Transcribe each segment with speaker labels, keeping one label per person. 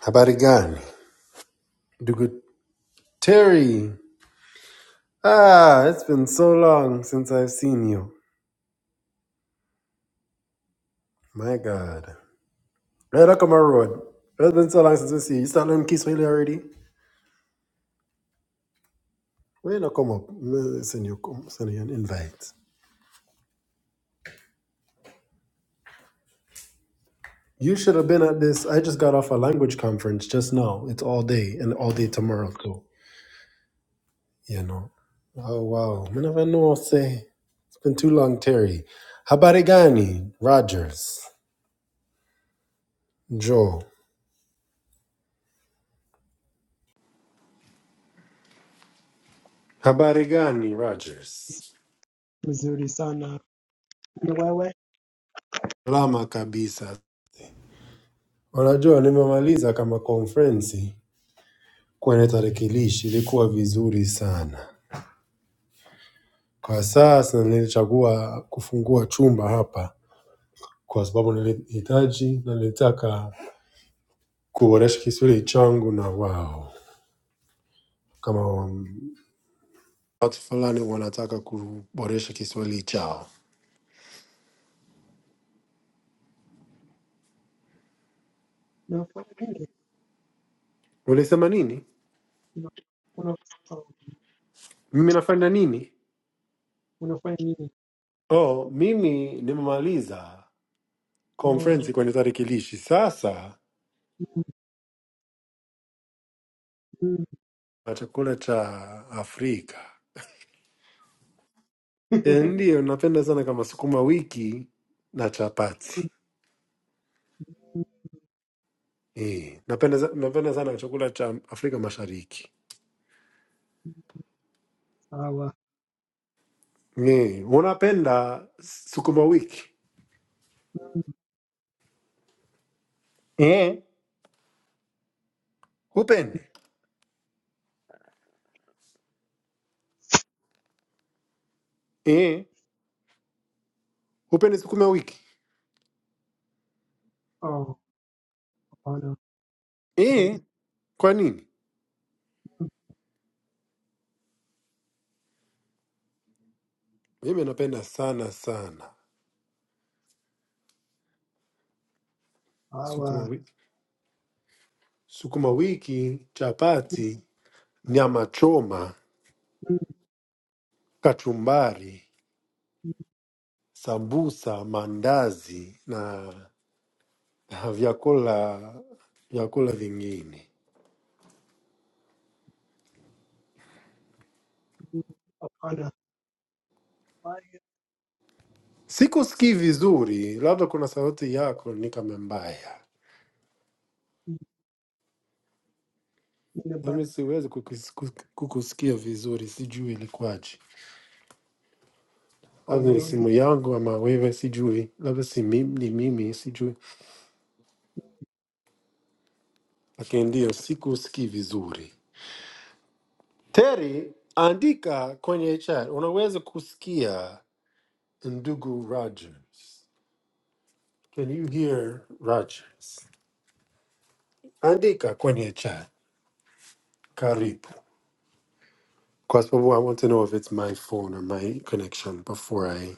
Speaker 1: How about it gone? Terry. Ah, it's been so long since I've seen you. My God. where look on my road. It's been so long since we see you. You start learning Kiswahili already? When you come up, Me send you, come- send you an invite. You should have been at this. I just got off a language conference just now. It's all day and all day tomorrow too. You know. Oh wow. I never know. Say it's been too long, Terry. Habarigani Rogers. Joe. Habarigani Rogers.
Speaker 2: mzuri sana. Ni wewe
Speaker 1: Salama kabisa. Unajua nimemaliza kama conference kwenye tarakilishi, ilikuwa vizuri sana. Kwa sasa nilichagua kufungua chumba hapa kwa sababu nilihitaji na nilitaka kuboresha Kiswahili changu na wao, kama wa- watu fulani wanataka kuboresha Kiswahili chao.
Speaker 2: unafanya nini?
Speaker 1: Ulisema nini?
Speaker 2: Una- una- oh,
Speaker 1: Mimi nafanya nini?
Speaker 2: Unafanya nini?
Speaker 1: Oh, mimi nimemaliza
Speaker 2: Oh,
Speaker 1: conference kwenye tarakilishi sasa
Speaker 2: mm, mm,
Speaker 1: na chakula cha Afrika. E, ndiyo napenda sana kama sukuma wiki na chapati.
Speaker 2: mm,
Speaker 1: E, napenda, za- napenda sana chakula cha Afrika Mashariki.
Speaker 2: Sawa.
Speaker 1: E, unapenda sukuma wiki?
Speaker 2: Mm,
Speaker 1: Eh, hupendi? Eh, Hupendi sukuma wiki?
Speaker 2: Oh, hapana.
Speaker 1: eh.
Speaker 2: Nai-
Speaker 1: Kwa nini? Mimi napenda sana sana sukuma
Speaker 2: Sawa.
Speaker 1: wiki, sukuma wiki, chapati, nyama choma,
Speaker 2: Mm,
Speaker 1: kachumbari,
Speaker 2: mm,
Speaker 1: sambusa, mandazi na na vyakula vyakula vingine.
Speaker 2: mm, Hapana. Bye.
Speaker 1: Sikusikii vizuri, labda kuna sauti yako ni kama mbaya.
Speaker 2: Mm, Nina ba-
Speaker 1: Mimi siwezi kukis- kuk- kukusikia vizuri, sijui ilikuwaje.
Speaker 2: oh,
Speaker 1: Labda ni
Speaker 2: really?
Speaker 1: simu yangu ama wewe, sijui. Labda si mimi, ni mimi, sijui. Lakini ndio sikusikii vizuri. Teri, andika kwenye chat, unaweza kusikia ndugu Rogers? Can you hear Rogers? Andika kwenye chat, karibu. Because I want to know if it's my phone or my connection before I,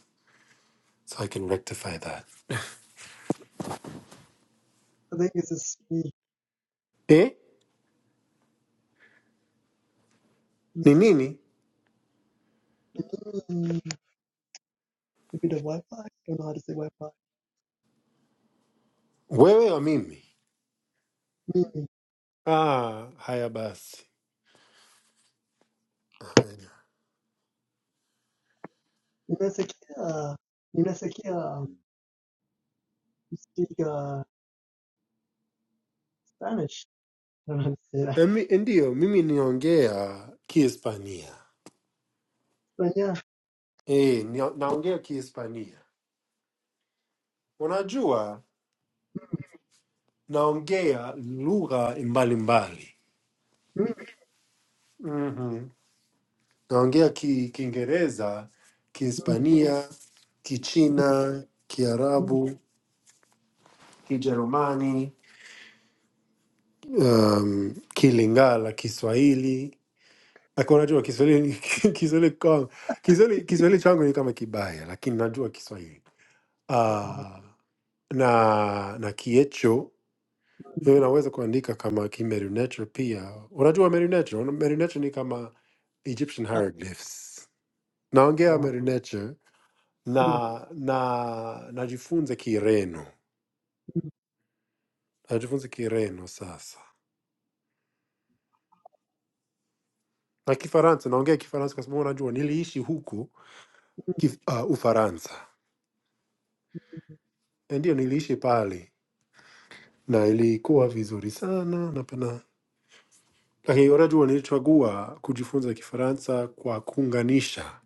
Speaker 1: so I can rectify that.
Speaker 2: I think it's just me.
Speaker 1: Eh? Ni
Speaker 2: It's
Speaker 1: nini?
Speaker 2: mm, a bit of Wi-Fi. I don't know how to say Wi-Fi.
Speaker 1: Wewe o mimi?
Speaker 2: Mm,
Speaker 1: Ah, haya basi. Haya.
Speaker 2: Ninasikia, ninasikia um, you speak uh, Spanish. I don't know how to say that.
Speaker 1: Emi, ndio, mimi niongea Kihispania.
Speaker 2: But yeah.
Speaker 1: Eh, ni- naongea Kihispania. Unajua, naongea lugha mbalimbali. Mm-hmm. Naongea ki, Kiingereza,
Speaker 2: Oh,
Speaker 1: Kihispania, Kichina, Kiarabu, Kijerumani. um, Kilingala Kiswahili. Lakini unajua Kiswahili Kiswahili kwangu- Kiswahili Kiswahili changu ni kama kibaya, lakini najua Kiswahili. Ah, na na Kiecho wewe unaweza kuandika kama Kimerunecho pia. Unajua Merunecho, Una- Merunecho ni kama Egyptian hieroglyphs. Naongea Merunecho na na najifunza Kireno. Najifunza Kireno sasa. Na Kifaransa, naongea Kifaransa kwa sababu unajua niliishi huku kif, uh, Ufaransa. Na ndio niliishi pale na ilikuwa vizuri sana na pana, lakini unajua, nilichagua kujifunza Kifaransa kwa kuunganisha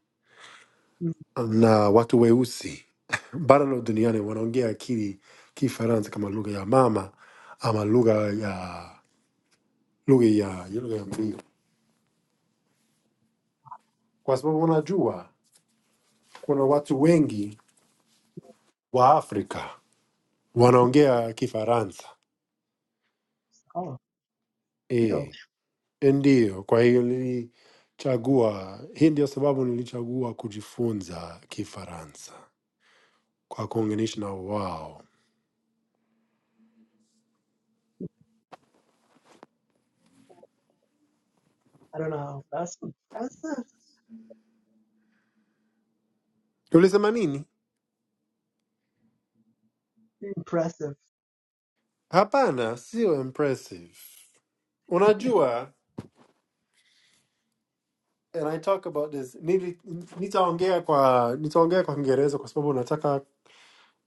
Speaker 1: na watu weusi bara la duniani wanaongea kili Kifaransa kama lugha ya mama ama lugha ya lugha ya ya lugha ya mbiu, kwa sababu unajua kuna watu wengi wa Afrika wanaongea Kifaransa
Speaker 2: deal.
Speaker 1: eh Ndiyo, kwa hiyo nilichagua. Hii ndio sababu nilichagua kujifunza Kifaransa kwa kuunganisha na wao.
Speaker 2: I don't know. That's impressive.
Speaker 1: Ulisema nini?
Speaker 2: Impressive.
Speaker 1: Hapana, sio impressive. Unajua, and I talk about this, nili, nitaongea kwa nitaongea kwa Kiingereza kwa sababu nataka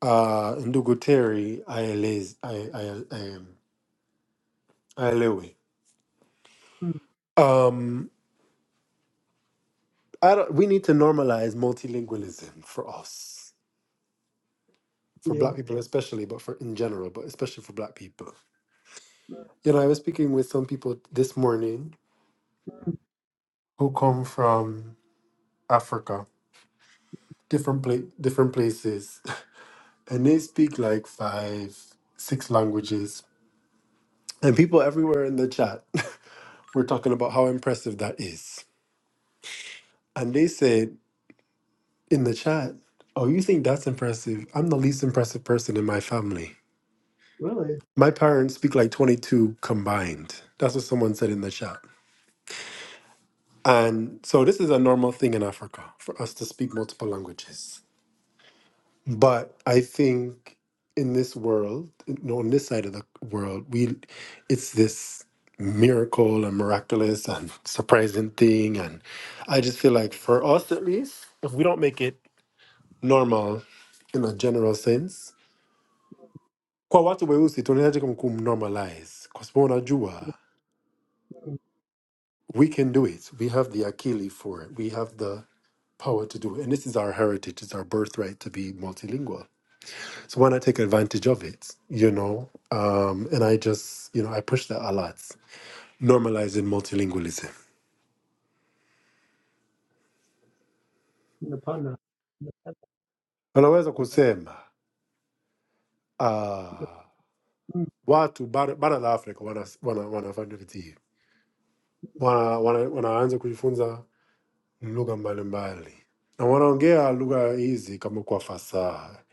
Speaker 1: uh, ndugu Terry aeleze ae- ae- ae- aelewe.
Speaker 2: Mm,
Speaker 1: Um, I don't, we need to normalize multilingualism for us. for black
Speaker 2: deal.
Speaker 1: people especially but for in general but especially for black people
Speaker 2: Mm,
Speaker 1: you know i was speaking with some people this morning who come from africa different pla- different places and they speak like five six languages and people everywhere in the chat were talking about how impressive that is and they said in the chat oh you think that's impressive i'm the least impressive person in my family
Speaker 2: Really?
Speaker 1: my parents speak like 22 combined that's what someone said in the chat And so this is a normal thing in Africa for us to speak multiple languages. But I think in this world, you know, on this side of the world, we it's this miracle and miraculous and surprising thing. And I just feel like for us at least, if we don't make it normal in a general sense, kwa watu weusi tunahitaji kum kumnormalize kwa sababu unajua
Speaker 2: Mm,
Speaker 1: we can do it. We have the akili for it. We have the power to do it. And this is our heritage, it's our birthright to be multilingual. So why not take advantage of it, you know? Um, and I just, you know, I push that a lot, normalizing multilingualism.
Speaker 2: Napanda. Napanda.
Speaker 1: Unaweza
Speaker 2: I like
Speaker 1: kusema
Speaker 2: it.
Speaker 1: uh,
Speaker 2: Mm,
Speaker 1: watu bara bara la Afrika wana wana wanafanya kitu hii. Wana, wana, wanaanza kujifunza lugha mbalimbali na wanaongea lugha hizi kama kwa fasaha,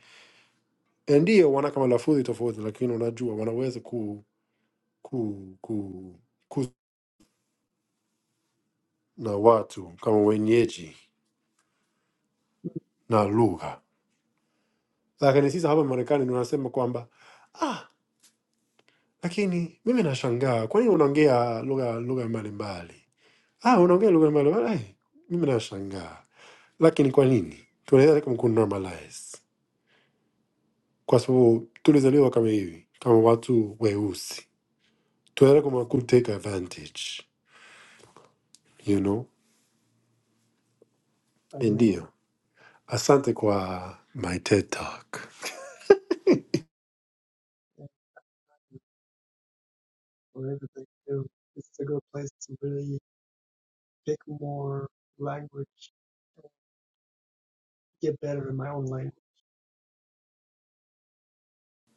Speaker 1: ndiyo wana kama lafudhi tofauti, lakini unajua wanaweza ku, ku, ku, na watu kama wenyeji na lugha. Lakini sisi hapa Marekani tunasema kwamba ah, lakini mimi nashangaa kwa nini unaongea lugha lugha mbalimbali? Ah, unaongea lugha mbalimbali. Ai, mimi nashangaa. Lakini kwa nini? Tunaweza kama kunormalize. Kwa sababu tulizaliwa kama hivi, kama watu weusi. Tunaweza kama kutake advantage, you know?
Speaker 2: I do.
Speaker 1: Ndio. Asante kwa my TED talk.
Speaker 2: Thank you For everything, too. This is a good place to really pick more language and get better in my own language.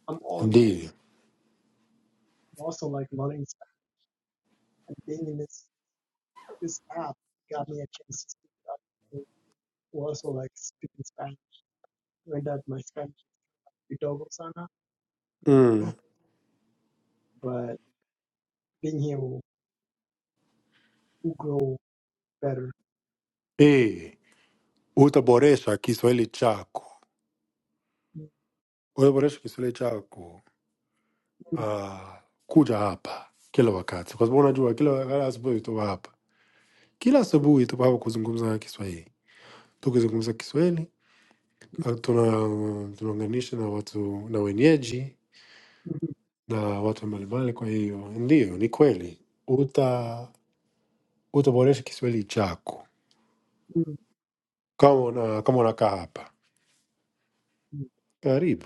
Speaker 2: I'm also,
Speaker 1: Ndio.
Speaker 2: I'm also like learning stuff. And being in this, this app got me a chance to speak up. Who also like speaking Spanish. Went out my Spanish kidogo sana,
Speaker 1: Mm.
Speaker 2: yesterday, but being here will, will grow better.
Speaker 1: Eh. utaboresha Kiswahili chako, utaboresha Kiswahili chako uh, kuja hapa kila wakati, kwa sababu unajua kila kila asubuhi tupo hapa, kila asubuhi tupo hapa kuzungumza Kiswahili. Tukizungumza Kiswahili uh, tuna tunaunganisha na watu na wenyeji na watu mbalimbali. Kwa hiyo ndio, ni kweli uta utaboresha Kiswahili chako kama una, kama unakaa hapa. Karibu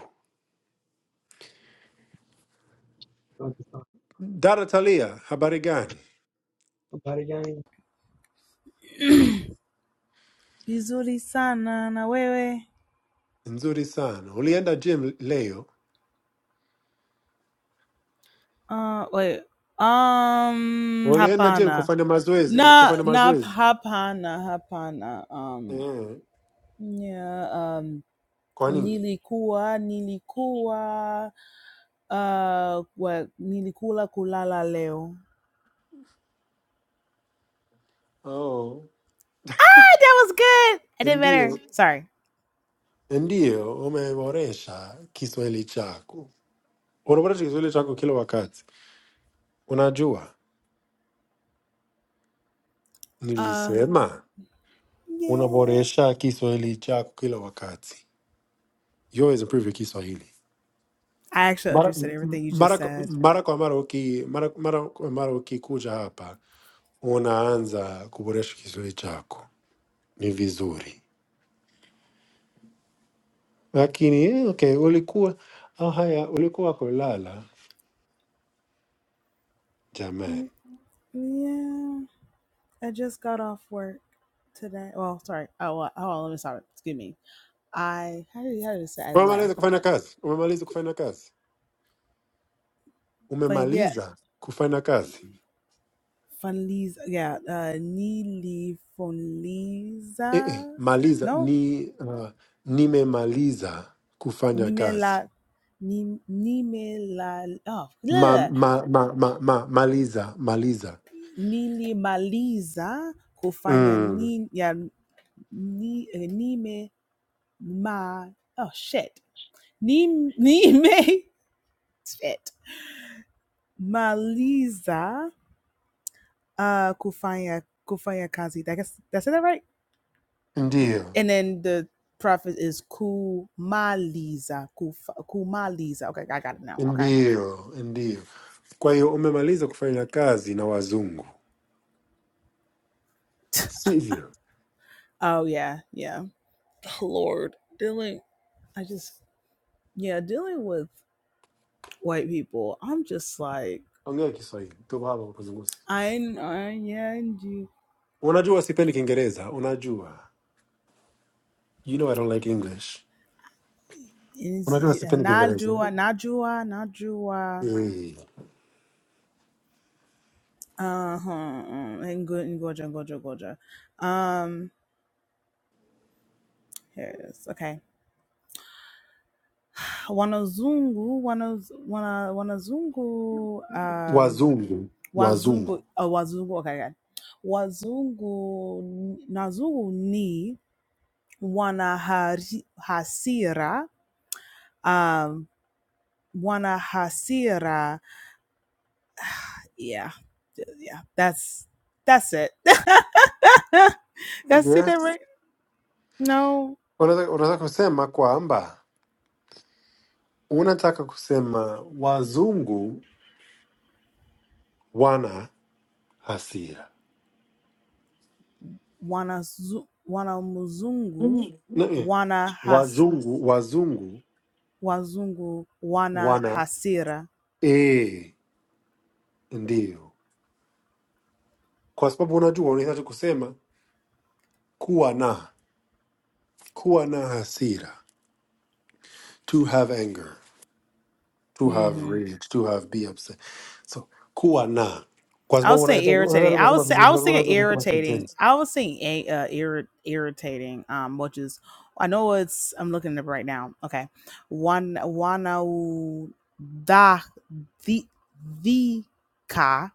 Speaker 2: Pakistan.
Speaker 1: dada Talia, habari gani?
Speaker 2: Habari gani?
Speaker 3: vizuri sana na wewe
Speaker 1: Nzuri sana. Ulienda gym leo?
Speaker 3: uh, wait, um
Speaker 1: Walienda je
Speaker 3: hapana
Speaker 1: kufanya mazoezi,
Speaker 3: na
Speaker 1: kufanya
Speaker 3: na
Speaker 1: mazoezi
Speaker 3: hapana hapana um,
Speaker 1: eh.
Speaker 3: yeah, um
Speaker 1: Kwa nini?
Speaker 3: nilikuwa nilikuwa uh what nilikula kulala leo
Speaker 1: Oh,
Speaker 3: that was good i did
Speaker 1: ndio
Speaker 3: better sorry
Speaker 1: ndio, umeboresha Kiswahili chako, unaboresha Kiswahili chako kila wakati. Unajua,
Speaker 3: uh
Speaker 1: nilisema
Speaker 3: yeah
Speaker 1: unaboresha Kiswahili chako kila wakati. You always improve your Kiswahili
Speaker 3: I actually
Speaker 1: mara,
Speaker 3: understood
Speaker 1: m-
Speaker 3: everything you just
Speaker 1: mara, kwa-
Speaker 3: said.
Speaker 1: mara kwa mara uki, mara, mara kwa mara ukikuja hapa unaanza kuboresha Kiswahili chako, ni vizuri. lakini eh, okay, ulikuwa ah, haya, ulikuwa kulala jamani.
Speaker 3: Mm, Yeah, I just got off work today. Well, sorry. Oh, well, hold on. Let me start. Excuse me. I how did how did it say I
Speaker 1: Umemaliza
Speaker 3: left?
Speaker 1: kufanya kazi? Umemaliza kufanya kazi?
Speaker 3: But yeah,
Speaker 1: Umemaliza kufanya kazi?
Speaker 3: Fonliza. Yeah, uh, Nili
Speaker 1: Eh, eh,
Speaker 3: Funliza.
Speaker 1: maliza
Speaker 3: no.
Speaker 1: ni uh, nimemaliza kufanya kazi.
Speaker 3: Nimela, nim- nimela, oh,
Speaker 1: Ma,
Speaker 3: bleh,
Speaker 1: ma, ma, ma, ma, maliza maliza.
Speaker 3: nilimaliza kufanya
Speaker 1: Mm,
Speaker 3: ni, ya, ni, eh, nime ma, oh shit, Nim, nime shit, maliza uh, kufanya kufanya kazi. I guess did I say that right?
Speaker 1: ndio
Speaker 3: And then the prophet is kumaliza, kufa, kumaliza. Okay, I got it now. Okay.
Speaker 1: ndio ndio. Kwa hiyo umemaliza kufanya kazi na wazungu, sivyo?
Speaker 3: Oh yeah, yeah. Lord, Dylan, I just yeah, dealing with white people, I'm just like,
Speaker 1: Ongea Kiswahili tu, baba, ukizungumza.
Speaker 3: I know, yeah, and you,
Speaker 1: Unajua sipendi Kiingereza, unajua You know I don't like English. Unajua sipendi
Speaker 3: najua,
Speaker 1: Kiingereza.
Speaker 3: najua, najua,
Speaker 1: Eh,
Speaker 3: uh huh, and good, and goja, goja, goja. Um, here it is. Okay, wanazungu, wanaz, wana, wanazungu, um,
Speaker 1: Wazungu,
Speaker 3: wazungu,
Speaker 1: wazungu.
Speaker 3: uh, wazungu. Okay, okay. Wazungu, nazungu ni wana hari- hasira Um. Wanahasira. Yeah. Yeah. That's that's it. that's it that
Speaker 1: Yes.
Speaker 3: right? No.
Speaker 1: Unaweza unaweza kusema kwamba unataka kusema wazungu wana hasira.
Speaker 3: Wanazu Wanamuzungu.
Speaker 1: Mm. Na- eh,
Speaker 3: Wanahas
Speaker 1: Wazungu, wazungu
Speaker 3: Wazungu
Speaker 1: wana
Speaker 3: Wanahasira.
Speaker 1: eh, ndiyo. Kwa sababu unajua unahitaji kusema kuwa na kuwa na hasira, to have anger. to have
Speaker 3: Mm-hmm.
Speaker 1: rage, to have be upset. So kuwa na, kwa
Speaker 3: I would
Speaker 1: sababu
Speaker 3: say
Speaker 1: unahitaji
Speaker 3: irritating.
Speaker 1: unaweza
Speaker 3: I
Speaker 1: kusema
Speaker 3: was say
Speaker 1: vizuri,
Speaker 3: I
Speaker 1: kwa
Speaker 3: was
Speaker 1: sababu
Speaker 3: thinking
Speaker 1: unaweza ni kama
Speaker 3: irritating.
Speaker 1: kitenzi.
Speaker 3: I was saying a uh, irri- irritating. Um, which is I know it's I'm looking at it right now. Okay, one wanau da the the ka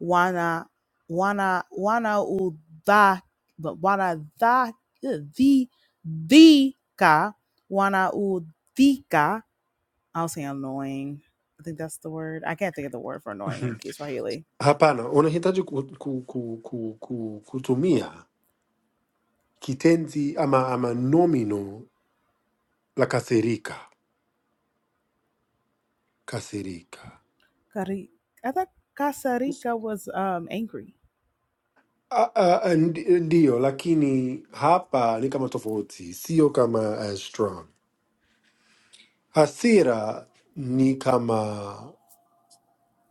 Speaker 3: wana wana wana u da but wana da the the ka wana u the ka. I was saying annoying. I think that's the word. I can't think of the word for annoying in Kiswahili
Speaker 1: Hapana, unahitaji ku, ku, ku, ku, ku, kutumia kitenzi ama, ama nomino la kasirika, kasirika.
Speaker 3: Cari- I thought Casarica was um angry.
Speaker 1: A- a- a- ndi- Ndiyo, lakini hapa ni kama tofauti, sio kama as strong. Hasira ni kama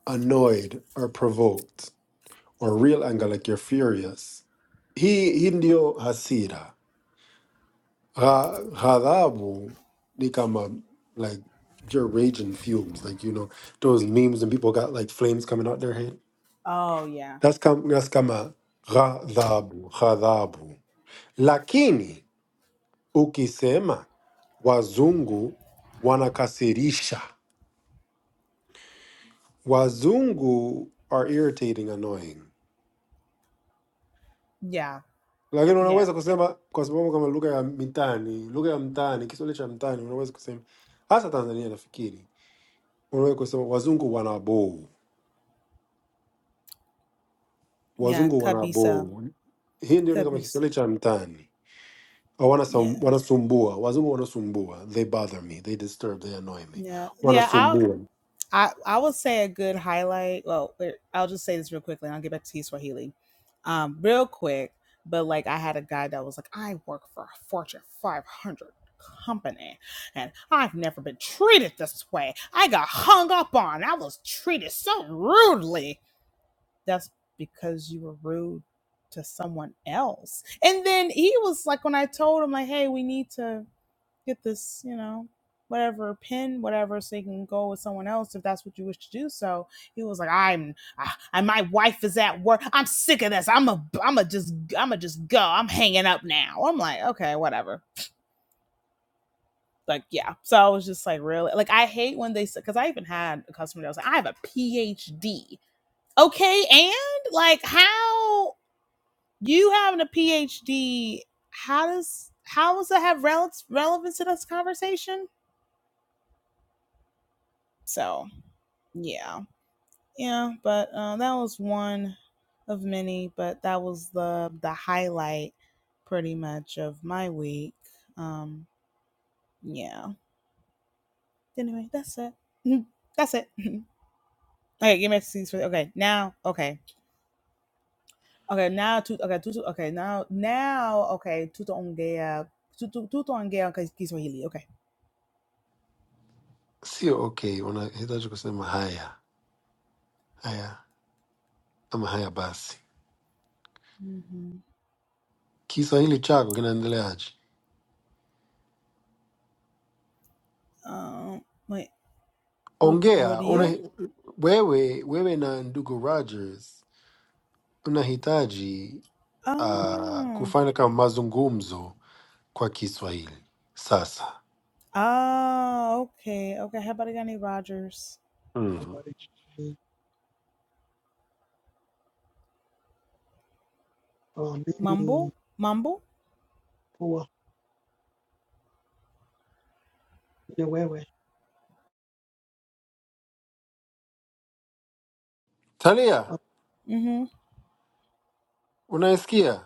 Speaker 1: annoyed or provoked or real anger like you're furious hii hii ndio hasira Gha- ghadhabu ni kama like you're raging fumes like you know those memes and people got like flames coming out their head
Speaker 3: Oh yeah,
Speaker 1: that's kama, that's kama ghadhabu ghadhabu lakini ukisema wazungu wanakasirisha wazungu are irritating annoying
Speaker 3: yeah,
Speaker 1: lakini
Speaker 3: yeah,
Speaker 1: unaweza kusema kwa sababu kama lugha ya mitaani, lugha ya mtaani, Kiswahili cha mtaani, unaweza kusema hasa Tanzania, nafikiri unaweza kusema wazungu wana boo,
Speaker 3: Yeah,
Speaker 1: wazungu wana
Speaker 3: Cabisa.
Speaker 1: boo. Hii ndio ni kama
Speaker 3: Cabisa.
Speaker 1: Kiswahili cha mtaani, Au wanasum-
Speaker 3: Yeah.
Speaker 1: wanasumbua, wazungu wanasumbua, they bother me, they disturb, they annoy me,
Speaker 3: Yeah. Yeah. I.
Speaker 1: wanasumbua.
Speaker 3: I I would say a good highlight. Well, I'll just say this real quickly, and I'll get back to you, Swahili, um, real quick. But like, I had a guy that was like, I work for a Fortune 500 company, and I've never been treated this way. I got hung up on. I was treated so rudely. That's because you were rude to someone else. And then he was like, when I told him, like, hey, we need to get this, you know, whatever pin, whatever, so you can go with someone else if that's what you wish to do. So he was like, I'm, I, my wife is at work. I'm sick of this. I'm a, I'm a just, I'm a just go. I'm hanging up now. I'm like, okay, whatever. Like, yeah. So I was just like, really? Like, I hate when they, say because I even had a customer that was like, I have a PhD. Okay. And like, how you having a PhD, how does, how does that have rel- relevance to this conversation? So, yeah yeah but uh, that was one of many but that was the the highlight pretty much of my week um yeah anyway that's it that's it okay give me scenes for okay now okay okay now to okay tutu okay now now okay tutuongea tutu tutuongea kwa Kiswahili okay
Speaker 1: Sio okay, unahitaji kusema haya haya ama haya basi.
Speaker 3: mm-hmm.
Speaker 1: Kiswahili chako kinaendeleaje?
Speaker 3: um wait Ud-
Speaker 1: Ongea
Speaker 3: Rodia
Speaker 1: una, wewe wewe na ndugu Rogers tunahitaji uh,
Speaker 3: oh
Speaker 1: kufanya kama mazungumzo kwa Kiswahili sasa.
Speaker 3: oh okay okay how about Rogers
Speaker 1: mm
Speaker 2: habari gani? Uh, mimi
Speaker 3: Mumble? Mumble?
Speaker 2: poa ni wewe.
Speaker 1: Talia,
Speaker 2: Uh,
Speaker 3: Mm-hmm.
Speaker 1: unaisikia?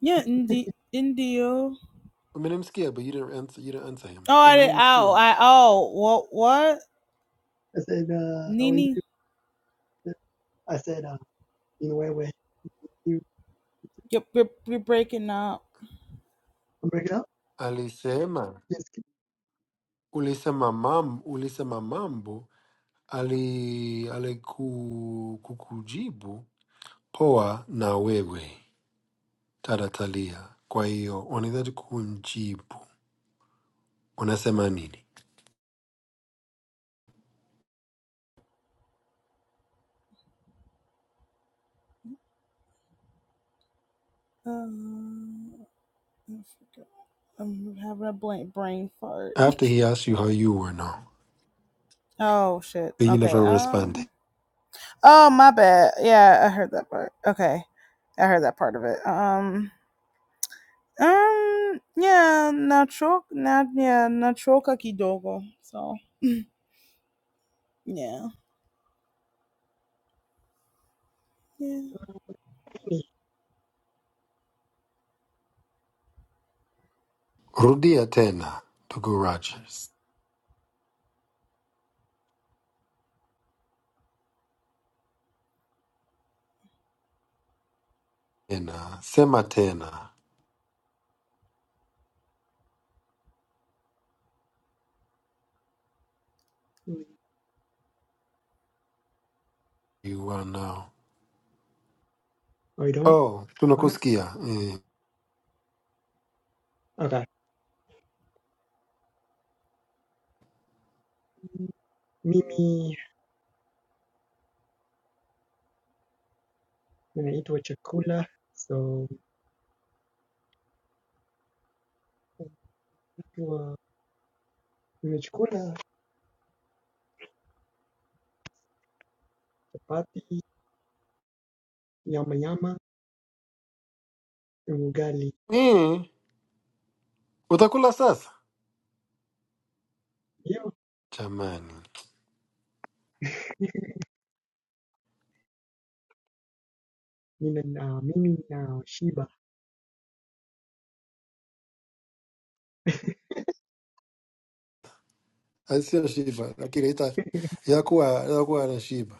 Speaker 3: Yeah, Indi Indio.
Speaker 1: Umenimsikia, but you didn't answer, you didn't answer him.
Speaker 3: Oh, I did. Oh,
Speaker 1: Umenimsikia?
Speaker 3: I. Oh, what? What?
Speaker 2: I said, uh, how are
Speaker 3: Nini?
Speaker 2: you? I said, uh, ni wewe. You
Speaker 3: You're, you're, you're breaking up.
Speaker 2: I'm breaking it up?
Speaker 1: Alisema
Speaker 2: Yes,
Speaker 1: ulisema mam, ulisema mambo ali alikukujibu poa na wewe dada Talia. Kwa hiyo unahitaji kumjibu, unasema nini
Speaker 3: Um, I forgot. I'm having a blank brain fart.
Speaker 1: after he asked you how you were now,
Speaker 3: Oh shit.
Speaker 1: but you
Speaker 3: Okay.
Speaker 1: never responded.
Speaker 3: Um. Oh my bad. Yeah, I heard that part. Okay, I heard that part of it. Um. Um. Yeah. Natural. Not. Yeah. Natural kakidogo. So. Yeah. Yeah.
Speaker 2: kipindi.
Speaker 1: Rudia tena ndugu Rogers. Tena sema tena. You are now.
Speaker 2: Oh, you don't?
Speaker 1: Oh,
Speaker 2: Pana?
Speaker 1: tunakusikia. Mm.
Speaker 2: Okay. Mimi ninaitwa chakula. So, Nimechukula chapati, yamayama na ugali.
Speaker 1: Mm. Utakula sasa
Speaker 2: Leo
Speaker 1: jamani,
Speaker 2: nina na mimi nashiba.
Speaker 1: asio shiba, lakini ita yakuwa yakuwa anashiba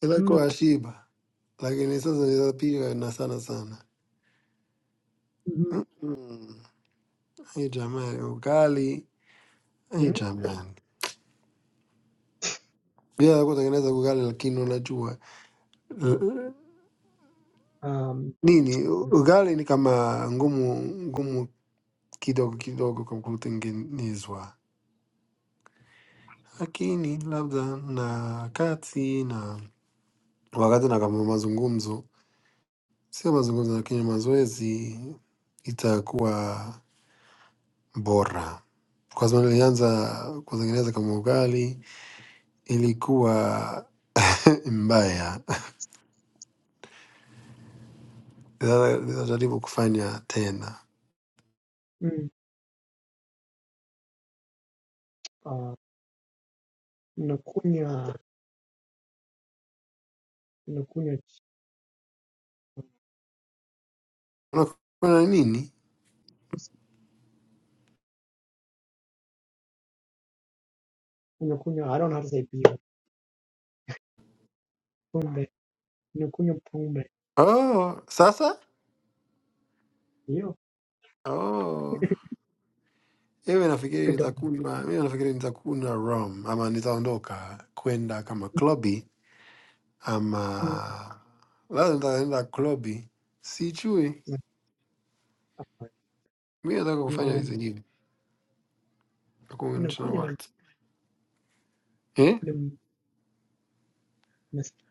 Speaker 1: itakuwa
Speaker 2: Mm,
Speaker 1: ashiba, lakini sasa nitapiga na sana sana.
Speaker 2: mhm,
Speaker 1: Hey, jamani ugali hey,
Speaker 2: mhm.
Speaker 1: jamani bila kutengeneza ugali, lakini unajua eh,
Speaker 2: Um,
Speaker 1: nini ugali ni kama ngumu ngumu kidogo kidogo kwa kutengenezwa, lakini labda na kati na wakati na kama mazungumzo, sio mazungumzo, lakini mazoezi itakuwa bora. Kwa sababu nilianza kutengeneza kama ugali, ilikuwa mbaya. Sasa Nitajaribu kufanya tena.
Speaker 2: mm, uh, nakunywa nakunywa juice.
Speaker 1: Unakula nini?
Speaker 2: Nakunywa I don't know how to say beer. Pombe. Nakunywa pombe.
Speaker 1: Oh, sasa
Speaker 2: Leo
Speaker 1: oh. Mimi nafikiri
Speaker 2: kidogo.
Speaker 1: nitakunywa, mimi nafikiri nitakunywa rum ama nitaondoka kwenda kama klobi
Speaker 2: Mm,
Speaker 1: ama labda nitaenda klobi, sijui.
Speaker 2: na- hapana.
Speaker 1: Mi nataka kufanya vitu
Speaker 2: Nina-
Speaker 1: vingine, kuunganisha na
Speaker 2: Nakunywa
Speaker 1: watu eh?
Speaker 2: nim- nasikia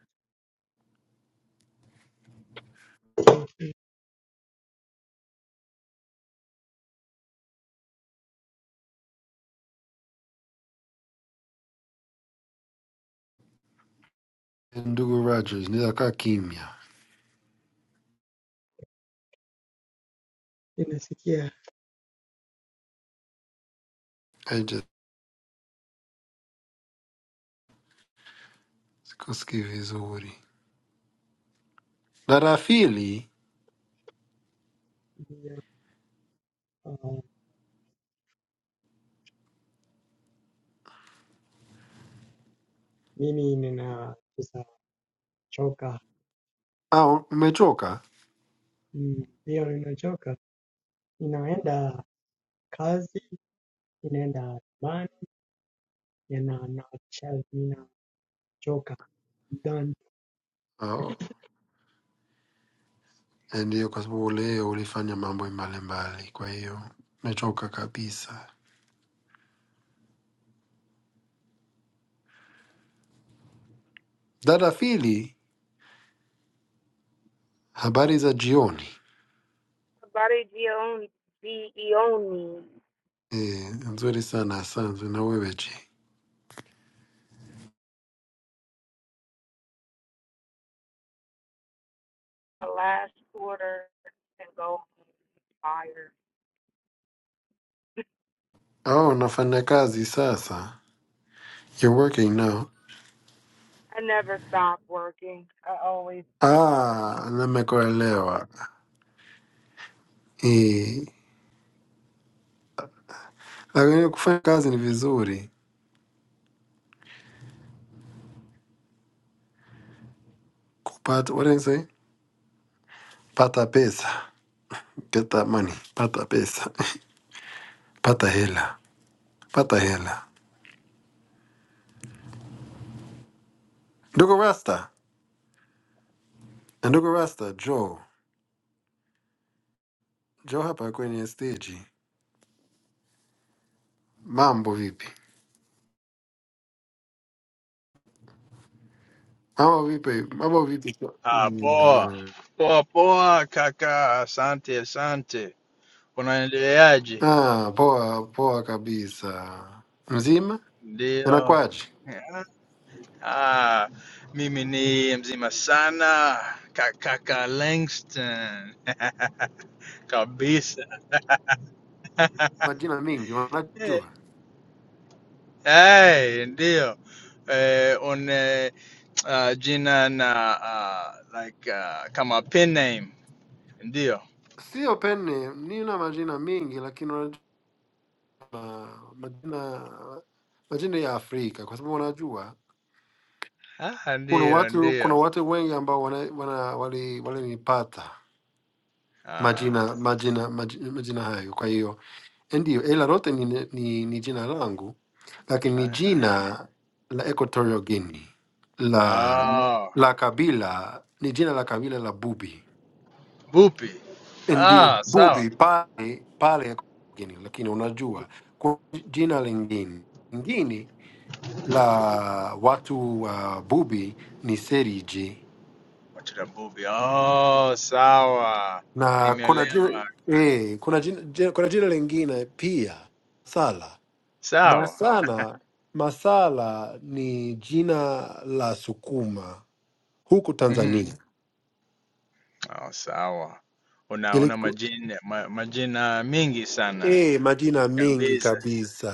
Speaker 1: Ndugu Rogers, nitakaa kimya,
Speaker 2: ninasikia
Speaker 1: I just sikusikii vizuri na rafili
Speaker 2: nina- uh, mimi nina sasa choka.
Speaker 1: au umechoka?
Speaker 2: Mm, Leo ninachoka. Inaenda. Kazi inaenda haribani na chelina choka nachanganyikiwa
Speaker 1: Oh, ndio, kwa sababu leo ulifanya mambo mbalimbali, kwa hiyo umechoka kabisa. Dada Fili, habari za jioni?
Speaker 4: Body Gion- Gioni,
Speaker 1: Eh, nzuri sana asante. Na wewe je?
Speaker 4: a last quarter and go fire.
Speaker 1: Oh, unafanya kazi sasa? You're working now?
Speaker 4: I never stop working. I always
Speaker 1: Ah, nimekuelewa. Eh, lakini kufanya kazi ni vizuri. Kupata, what do you say? Pata pesa. Get that money. Pata pesa. Pata hela. Pata hela. Ndugu Rasta. Na ndugu Rasta, Joe. Joe hapa kwenye stage. Mambo vipi? Mambo vipi? Mambo vipi? Mm,
Speaker 5: Ah,
Speaker 1: mm,
Speaker 5: poa
Speaker 1: mm.
Speaker 5: poa poa kaka, asante asante. Unaendeleaje?
Speaker 1: Ah, poa poa kabisa. Mzima,
Speaker 5: Ndio.
Speaker 1: inakwaje?
Speaker 5: Ah, mimi ni mzima sana ka- kaka Langston kabisa.
Speaker 1: Majina mingi unajua,
Speaker 5: Hey, ndio eh, une uh, jina na uh, like uh, kama pen name ndio.
Speaker 1: sio pene, nina majina mingi lakini unajua ah, majina majina ya Afrika, kwa sababu unajua
Speaker 5: Ah,
Speaker 1: kuna
Speaker 5: ndio
Speaker 1: watu kuna
Speaker 5: ndio.
Speaker 1: watu wengi ambao wana, wana, wali walinipata
Speaker 5: Ah,
Speaker 1: majina majina maji- majina hayo, kwa hiyo Ndiyo, ila lote ni, ni, ni jina langu, lakini ni
Speaker 5: ah, ndio.
Speaker 1: jina la Equatorial Guinea la,
Speaker 5: Oh.
Speaker 1: la kabila ni jina la kabila la Bubi.
Speaker 5: Mbupi.
Speaker 1: Ndiyo,
Speaker 5: Ah, sawa.
Speaker 1: Bubi pale pale Equatorial Guinea, lakini unajua
Speaker 5: Mbupi.
Speaker 1: kuna jina lingine lingine la watu wa Bubi ni Seriji.
Speaker 5: Watu na mbupi. Oh, sawa.
Speaker 1: na kuna jina,
Speaker 5: Nimeelewa.
Speaker 1: eh, kuna jina, jina, kuna jina lingine pia sala.
Speaker 5: Sawa.
Speaker 1: Masana, masala ni jina la sukuma huku
Speaker 5: Mhm.
Speaker 1: Tanzania.
Speaker 5: Oh, sawa. Una una
Speaker 1: Iliku,
Speaker 5: majina ma, majina mengi sana
Speaker 1: eh, majina mengi
Speaker 5: kabisa.
Speaker 1: kabisa.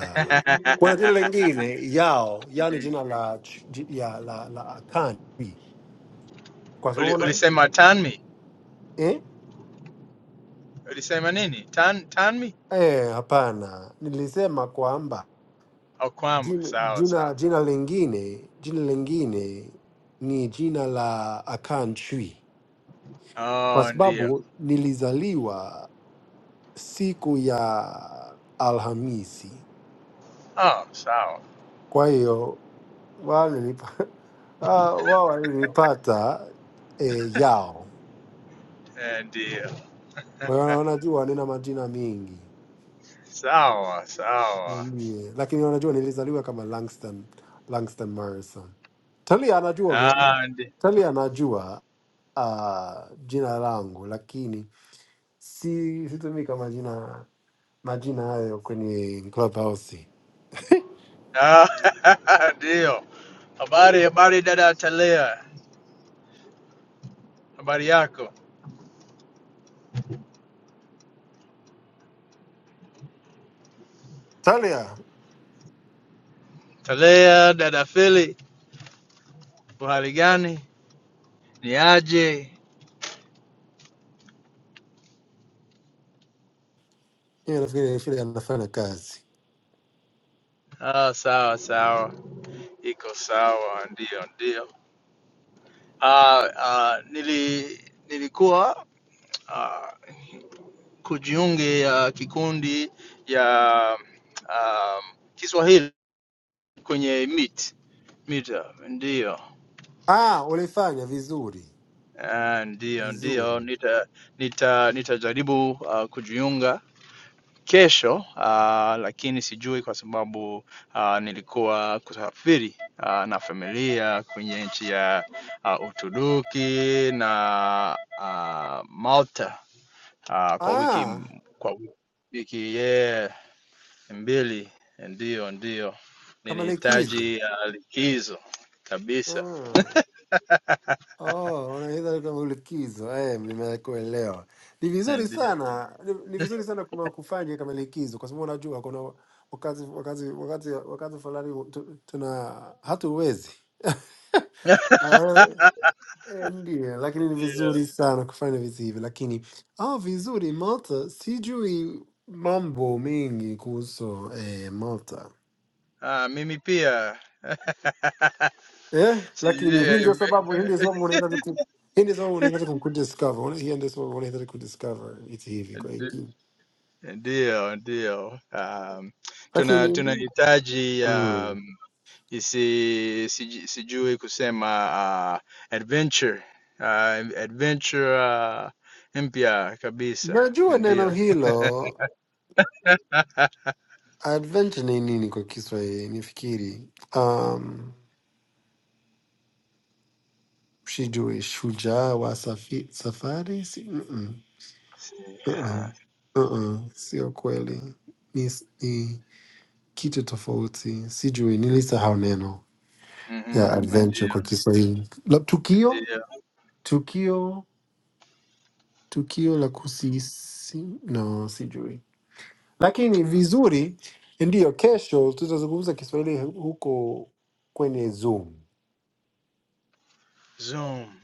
Speaker 1: Kuna jina lingine yao, yani jina la ch- ji- ya, la, la akani kwa sababu
Speaker 5: Uli,
Speaker 1: una-
Speaker 5: ulisema Tanmi?
Speaker 1: eh,
Speaker 5: Ulisema nini? Tan Tanmi?
Speaker 1: eh, hapana, nilisema kwamba
Speaker 5: Au Kwam?
Speaker 1: Jina,
Speaker 5: Sawa,
Speaker 1: jina,
Speaker 5: sawa.
Speaker 1: jina lingine jina lingine ni jina la Akan Chui, kwa
Speaker 5: Oh, ndio.
Speaker 1: sababu nilizaliwa siku ya Alhamisi.
Speaker 5: Oh, sawa.
Speaker 1: Kwa hiyo wao nilipa- ah, wao walinipata eh, yao.
Speaker 5: Eh, Ndio.
Speaker 1: Kwa hiyo unajua nina majina mengi.
Speaker 5: Sawa, sawa.
Speaker 1: Yeye. Lakini wanajua nilizaliwa kama Langston, Langston Morrison. Talia anajua, ma-
Speaker 5: Ah, ndi-
Speaker 1: Talia anajua uh, jina langu lakini si situmii kama jina majina hayo kwenye Clubhouse.
Speaker 5: ah, ndio. Habari, habari dada Talea, habari yako
Speaker 1: Talia,
Speaker 5: Talea? Dada Fili, uhali gani? Ni aje?
Speaker 1: yeye nafikiri shule anafanya kazi.
Speaker 5: Ah, sawa sawa, iko sawa, ndio ndio. Ah, ah, nili nilikuwa ah, kujiunge ya kikundi ya um, Kiswahili kwenye Meet Meet, ndio
Speaker 1: Ah, ulifanya vizuri
Speaker 5: Ah, ndio ndio,
Speaker 1: vizuri.
Speaker 5: nita nita nitajaribu ah, kujiunga kesho uh, lakini sijui kwa sababu uh, nilikuwa kusafiri uh, na familia kwenye nchi ya uh, Uturuki na uh, Malta uh, kwa wiki
Speaker 1: Ah,
Speaker 5: kwa wiki yeah, mbili. Ndio, ndio
Speaker 1: kama likizo.
Speaker 5: ninahitaji uh, likizo kabisa,
Speaker 1: Ah. Oh, unaweza kama likizo. Eh, nimekuelewa. Ni vizuri
Speaker 5: ndio
Speaker 1: sana. Ni, ni vizuri sana kuma- kufanya kama likizo kwa sababu unajua kuna wakati wakati wakati wakati fulani tu- tuna hatuwezi. Ah, eh, Ndiyo, lakini ni
Speaker 5: ndio.
Speaker 1: vizuri sana kufanya vitu hivi, lakini ah, vizuri Malta, sijui mambo mengi kuhusu eh, Malta.
Speaker 5: Ah, mimi pia
Speaker 1: eh,
Speaker 5: sijui
Speaker 1: lakini hii
Speaker 5: eh,
Speaker 1: ndio sababu,
Speaker 5: mimi.
Speaker 1: hii ndio sababu unahitaji ku hii ndio sababu unahitaji kumdiscover, una- hii ndio sababu unahitaji kudiscover vitu hivi kwa hiki,
Speaker 5: Ndiyo, ndiyo. Um, tuna
Speaker 1: lakini
Speaker 5: tunahitaji
Speaker 1: mm,
Speaker 5: um, isi, siji, sijui kusema uh, adventure uh, adventure uh, mpya kabisa.
Speaker 1: najua neno
Speaker 5: Ndiyo.
Speaker 1: hilo
Speaker 5: Ah,
Speaker 1: adventure ni nini kwa Kiswahili nifikiri, um, sijui shujaa wa safi, safari si, mm -mm,
Speaker 5: si-
Speaker 1: uh -uh,
Speaker 5: ah,
Speaker 1: uh -uh, sio kweli ni, ni kitu tofauti, sijui nilisahau neno ya
Speaker 5: mhm,
Speaker 1: adventure
Speaker 5: Ndiyo,
Speaker 1: kwa Kiswahili, Lab- tukio
Speaker 5: ndiyo.
Speaker 1: tukio tukio la kusisi no, sijui, lakini vizuri. Ndiyo, kesho tutazungumza Kiswahili huko kwenye Zoom.
Speaker 5: Zoom.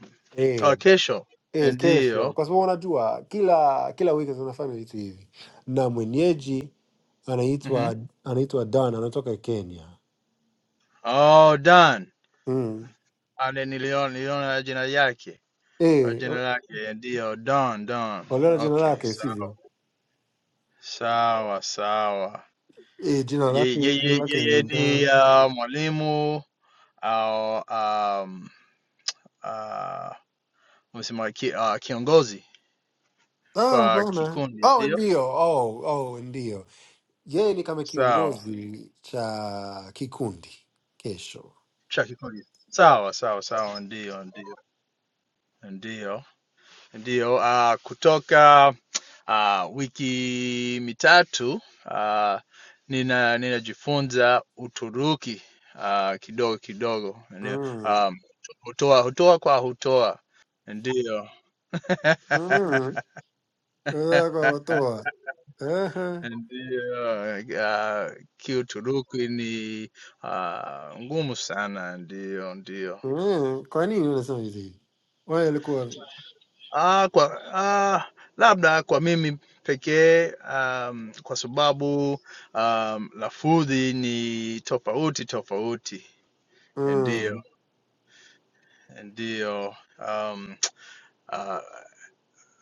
Speaker 5: Oh,
Speaker 1: Eh,
Speaker 5: kesho.
Speaker 1: eh, kesho,
Speaker 5: Ndiyo.
Speaker 1: kwa sababu unajua kila kila wiki tunafanya vitu hivi, na mwenyeji
Speaker 5: Mhm.
Speaker 1: anaitwa anaitwa Dan, anatoka Kenya.
Speaker 5: Oh, Don.
Speaker 1: Mm.
Speaker 5: Ale niliona niliona jina yake. Au
Speaker 1: Eh,
Speaker 5: jina lake. Ndiyo, Don, Don.
Speaker 1: waliona jina
Speaker 5: Okay,
Speaker 1: lake
Speaker 5: sawa.
Speaker 1: sivyo?
Speaker 5: Sawa sawa.
Speaker 1: Eh, jina
Speaker 5: Yeye
Speaker 1: lake jina
Speaker 5: yeye
Speaker 1: lake
Speaker 5: yeye
Speaker 1: ni Dan.
Speaker 5: ni uh, mwalimu au um, uh, unasema ki, uh, kiongozi
Speaker 1: Ah,
Speaker 5: kwa
Speaker 1: bana.
Speaker 5: kikundi,
Speaker 1: Oh,
Speaker 5: ndio?
Speaker 1: ndio. Oh, oh, ndio. yeye ni kama
Speaker 5: Sawa.
Speaker 1: kiongozi cha kikundi kesho.
Speaker 5: Cha kikundi. Sawa sawa sawa, ndio ndio ndio ndio. Uh, kutoka Ah, wiki mitatu ah, nina ninajifunza Uturuki ah, kidogo kidogo. Ndio,
Speaker 1: Mm.
Speaker 5: um, hutoa hutoa kwa hutoa, ndiyo
Speaker 1: Mm. Unataka kuwatoa. Ehe.
Speaker 5: ndiyo. ah, Kiuturuki ni ah, ngumu sana, ndiyo ndiyo.
Speaker 1: Mm. Kwa nini unasema hivi? Wewe alikuwa
Speaker 5: Ah, kwa ah, labda kwa mimi pekee um, kwa sababu um, lafudhi ni tofauti tofauti. and deal
Speaker 1: mm.
Speaker 5: and deal um uh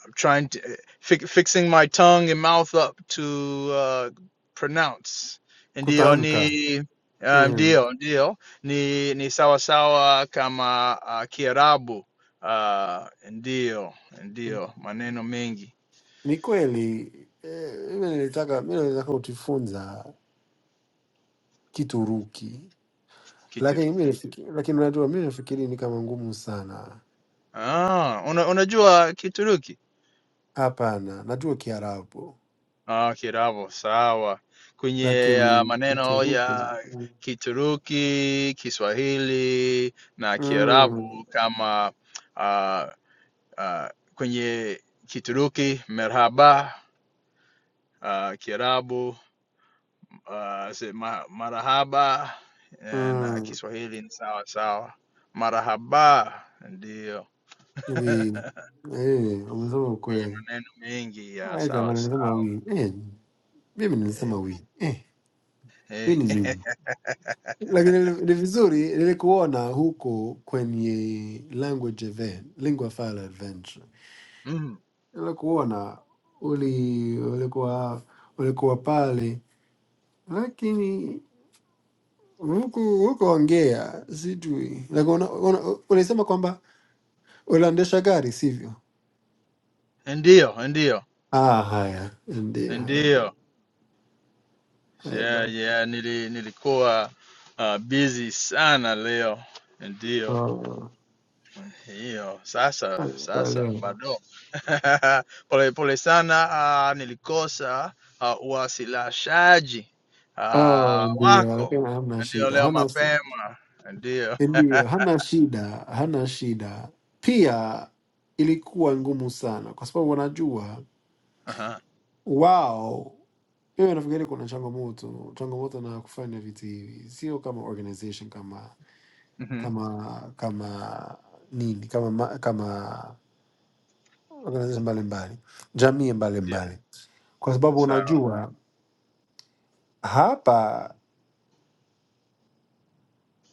Speaker 5: i'm trying to fi- fixing my tongue and mouth up to uh pronounce and
Speaker 1: kutamka
Speaker 5: ni um
Speaker 1: mm.
Speaker 5: deal deal ni ni sawa sawa kama uh, kiarabu uh ndio ndio maneno mengi
Speaker 1: Ni kweli eh, mimi nilitaka mimi nilitaka kujifunza Kituruki,
Speaker 5: kitu
Speaker 1: lakini mimi nafikiri, lakini unajua mimi nafikiri ni kama ngumu sana.
Speaker 5: ah una, unajua kituruki
Speaker 1: Hapana, najua Kiarabu
Speaker 5: Ah, Kiravo, sawa. Kwenye uh,
Speaker 1: lakini
Speaker 5: maneno
Speaker 1: Kituruki
Speaker 5: ya Kituruki, Kiswahili na
Speaker 1: mm.
Speaker 5: Kiarabu kama uh, uh, kwenye Kituruki merhaba, uh, Kiarabu uh, se- ma, marahaba eh, na
Speaker 1: Mm,
Speaker 5: Kiswahili ni sawa sawa. Marahaba ndio
Speaker 1: wi eh, umesema
Speaker 5: kwenye
Speaker 1: ukweli.
Speaker 5: maneno mengi ya
Speaker 1: Haya jamaa,
Speaker 5: sawa
Speaker 1: nilisema
Speaker 5: sawa.
Speaker 1: wi eh, mimi
Speaker 5: Eh,
Speaker 1: nilisema wi eh, wi ni
Speaker 5: eh,
Speaker 1: mimi, lakini ni ni vizuri nilikuona huko kwenye language event, lingua fala adventure,
Speaker 5: mm,
Speaker 1: nilikuona uli ulikuwa ulikuwa pale, lakini huku huku ongea sijui Like, una- una- ulisema kwamba uliendesha gari sivyo?
Speaker 5: ndio, ndio,
Speaker 1: Ah, haya ndio, haya
Speaker 5: ndio.
Speaker 1: bana, haya
Speaker 5: Yeah, yeah, nili, nilikuwa uh, busy sana leo. Ndio.
Speaker 1: bana.
Speaker 5: Hiyo. Sasa sasa
Speaker 1: Naelewa.
Speaker 5: bado. Pole pole sana uh, nilikosa uh, uwasilishaji uh,
Speaker 1: Oh, ndio,
Speaker 5: wako.
Speaker 1: lakini hamna
Speaker 5: Ndio
Speaker 1: shida,
Speaker 5: leo
Speaker 1: hana
Speaker 5: mapema. Ndio.
Speaker 1: ndio, hana shida, hana shida. Pia ilikuwa ngumu sana, kwa sababu wanajua
Speaker 5: Aha.
Speaker 1: wao. Mimi nafikiri kuna changamoto, changamoto na kufanya vitu hivi, sio kama organization kama
Speaker 5: Mhm.
Speaker 1: kama kama nini kama ma- kama organization mbalimbali, jamii
Speaker 5: Ndio.
Speaker 1: mbalimbali, kwa sababu
Speaker 5: Sawa.
Speaker 1: unajua hapa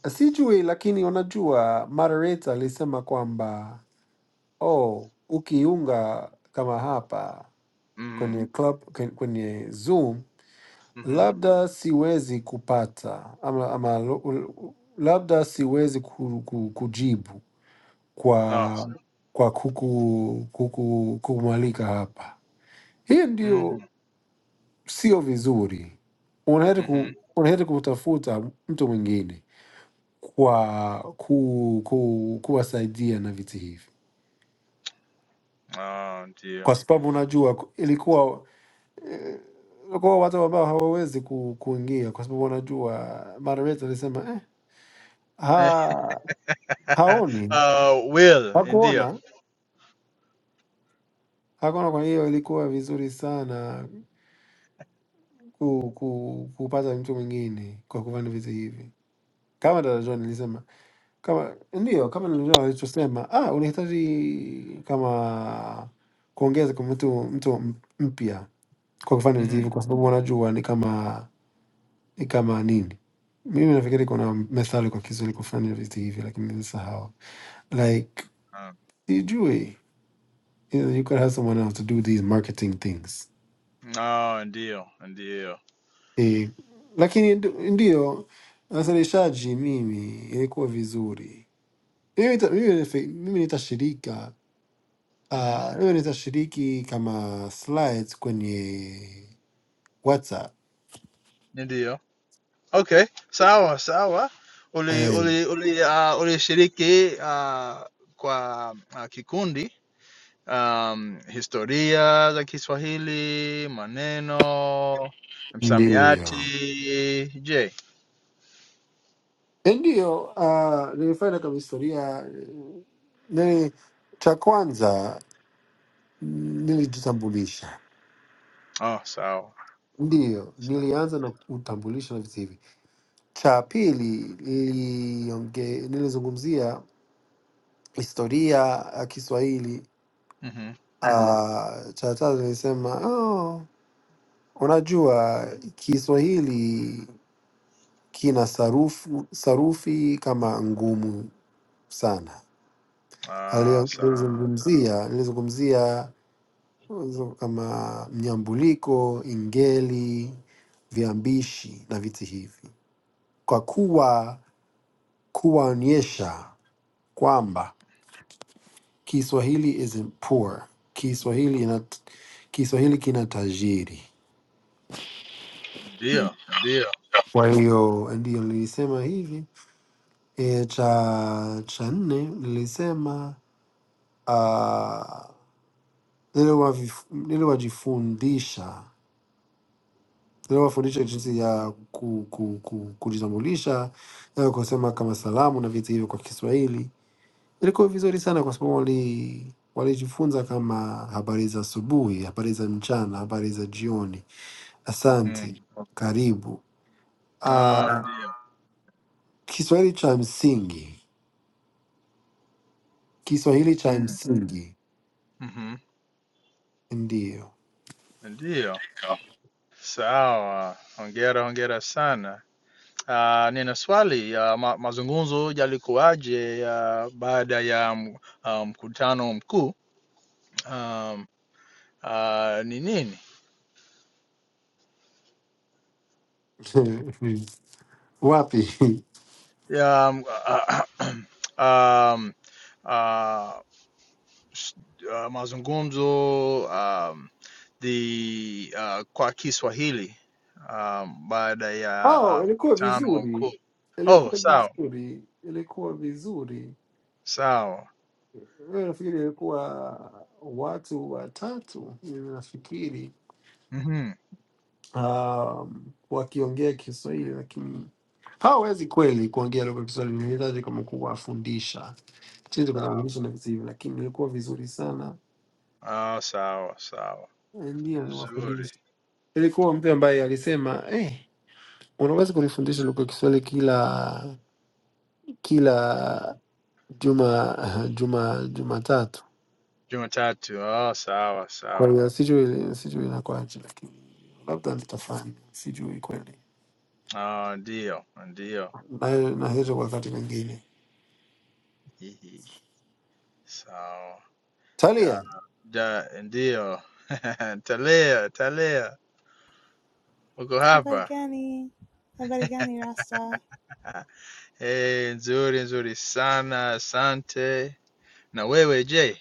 Speaker 1: Sijui, lakini unajua moderator alisema kwamba oh, ukiunga kama hapa
Speaker 5: Mhm.
Speaker 1: kwenye club, kwen- kwenye Zoom
Speaker 5: Mhm.
Speaker 1: labda siwezi kupata ama, ama lo- ul- labda siwezi ku, ku, kujibu
Speaker 5: Oh.
Speaker 1: kwa
Speaker 5: sawa.
Speaker 1: kwa kuku, kuku, kumwalika hapa. Hiyo ndio
Speaker 5: Mhm.
Speaker 1: sio vizuri, unaheri
Speaker 5: Mhm.
Speaker 1: ku, unaheri kutafuta mtu mwingine. kwa ku, ku, kuwasaidia na viti hivi,
Speaker 5: Oh,
Speaker 1: kwa
Speaker 5: ndio.
Speaker 1: sababu unajua ku- ilikuwa eh, ilikuwa watu ambao hawawezi ku, kuingia kwa sababu wanajua Margaret alisema eh, ha, haoni
Speaker 5: Uh, will, ndio.
Speaker 1: hakuona hakuona. Kwa hiyo ilikuwa vizuri sana ku, ku, kupata mtu mwingine kwa kufanya viti hivi, kama dada John alisema Kama ndiyo, kama nilivyo alichosema, ah, unahitaji kama kuongeza kwa mtu mtu m- mpya kwa kufanya vitu hivyo,
Speaker 5: Mhm.
Speaker 1: kwa sababu wanajua ni kama ni kama nini. Mimi nafikiri kuna methali kwa Kiswahili kufanya vitu hivi, lakini nimesahau. Like sijui, you know, you could have someone else to do these marketing things
Speaker 5: Oh, ndio, ndio.
Speaker 1: eh, lakini nd- ndiyo wasilishaji, mimi ilikuwa vizuri. Mimi nita- mimi nife- mimi nitashirika
Speaker 5: Mhm.
Speaker 1: Ah, wewe unaweza shiriki kama slides kwenye WhatsApp.
Speaker 5: Ndio. Okay, sawa sawa. Uli
Speaker 1: Eh,
Speaker 5: uli uli uh, ulishiriki uh, kwa uh, kikundi um, historia za Kiswahili, maneno, msamiati.
Speaker 1: ndiyo
Speaker 5: Je,
Speaker 1: Eh, ndiyo. ah, nilifanya kama historia eh, nili, cha kwanza mm, nilijitambulisha,
Speaker 5: oh, sawa.
Speaker 1: ndiyo
Speaker 5: sawa.
Speaker 1: nilianza na kutambulisha na vitu hivi. Cha pili nilionge, nilizungumzia historia ya Kiswahili.
Speaker 5: Mhm.
Speaker 1: Ah, cha tatu nilisema oh, unajua Kiswahili kina sarufu, sarufi kama ngumu sana.
Speaker 5: Ah,
Speaker 1: Alio-
Speaker 5: sawa.
Speaker 1: Aliyozungumzia aliyozungumzia kama mnyambuliko, ingeli, viambishi na vitu hivi, kwa kuwa kuwaonyesha kwamba Kiswahili isn't poor, Kiswahili ina, Kiswahili kina tajiri.
Speaker 5: Ndio, ndio.
Speaker 1: Kwa hiyo ndiyo nilisema hivi e, cha cha nne nilisema ah, ili wavi- ili wajifundisha ili wafundishe jinsi ya ku, ku, ku, kujitambulisha eh, kusema kama salamu na vitu hivyo kwa Kiswahili. Ilikuwa vizuri sana kwa sababu wali walijifunza kama habari za asubuhi, habari za mchana, habari za jioni,
Speaker 5: Mhm.
Speaker 1: asante, karibu.
Speaker 5: Ah,
Speaker 1: Uh,
Speaker 5: ndio.
Speaker 1: Kiswahili cha msingi, Kiswahili cha
Speaker 5: Mhm.
Speaker 1: msingi,
Speaker 5: Mhm.
Speaker 1: ndiyo.
Speaker 5: Ndio. Sawa. Hongera, hongera sana. Uh, nina swali uh, ma mazungumzo yalikuwaje uh, baada ya m- uh, mkutano um, mkuu um, uh, ni nini?
Speaker 1: Wapi?
Speaker 5: Ya, m- um, uh, s- uh, mazungumzo um, the uh, kwa Kiswahili um, baada ya
Speaker 1: Oh,
Speaker 5: uh,
Speaker 1: ilikuwa
Speaker 5: mkutano wa
Speaker 1: vizuri,
Speaker 5: mkuu. Oh,
Speaker 1: ilikuwa
Speaker 5: sawa
Speaker 1: vizuri, ilikuwa vizuri.
Speaker 5: sawa.
Speaker 1: Wewe Nafikiri ilikuwa watu watatu, mimi nafikiri
Speaker 5: Mhm, Mm
Speaker 1: um, wakiongea Kiswahili, lakini hawawezi kweli kuongea lugha ya Kiswahili. Nilihitaji kama kuwafundisha chizi
Speaker 5: sawa.
Speaker 1: kuzungumza na vitu hivyo, lakini ilikuwa vizuri sana,
Speaker 5: Ah, sawa sawa.
Speaker 1: Eh, ndio
Speaker 5: Nzuri.
Speaker 1: niwafundisha. Ilikuwa mtu ambaye alisema eh, unaweza kunifundisha lugha ya Kiswahili kila kila juma juma Jumatatu.
Speaker 5: Jumatatu. Oh, sawa
Speaker 1: Kwa
Speaker 5: sawa.
Speaker 1: hiyo sijui sijui inakuwaje, lakini labda nitafanya, sijui kweli,
Speaker 5: Ah, ndio ndio.
Speaker 1: na nahizo kwa wakati mwingine.
Speaker 5: Hihi. Sawa. Ya,
Speaker 1: Talia,
Speaker 5: da, ndio. Talea, Talea, uko
Speaker 3: Habari
Speaker 5: hapa?
Speaker 3: gani? Habari gani Rasta?
Speaker 5: Ah, Eh, nzuri nzuri sana, asante. Na wewe je?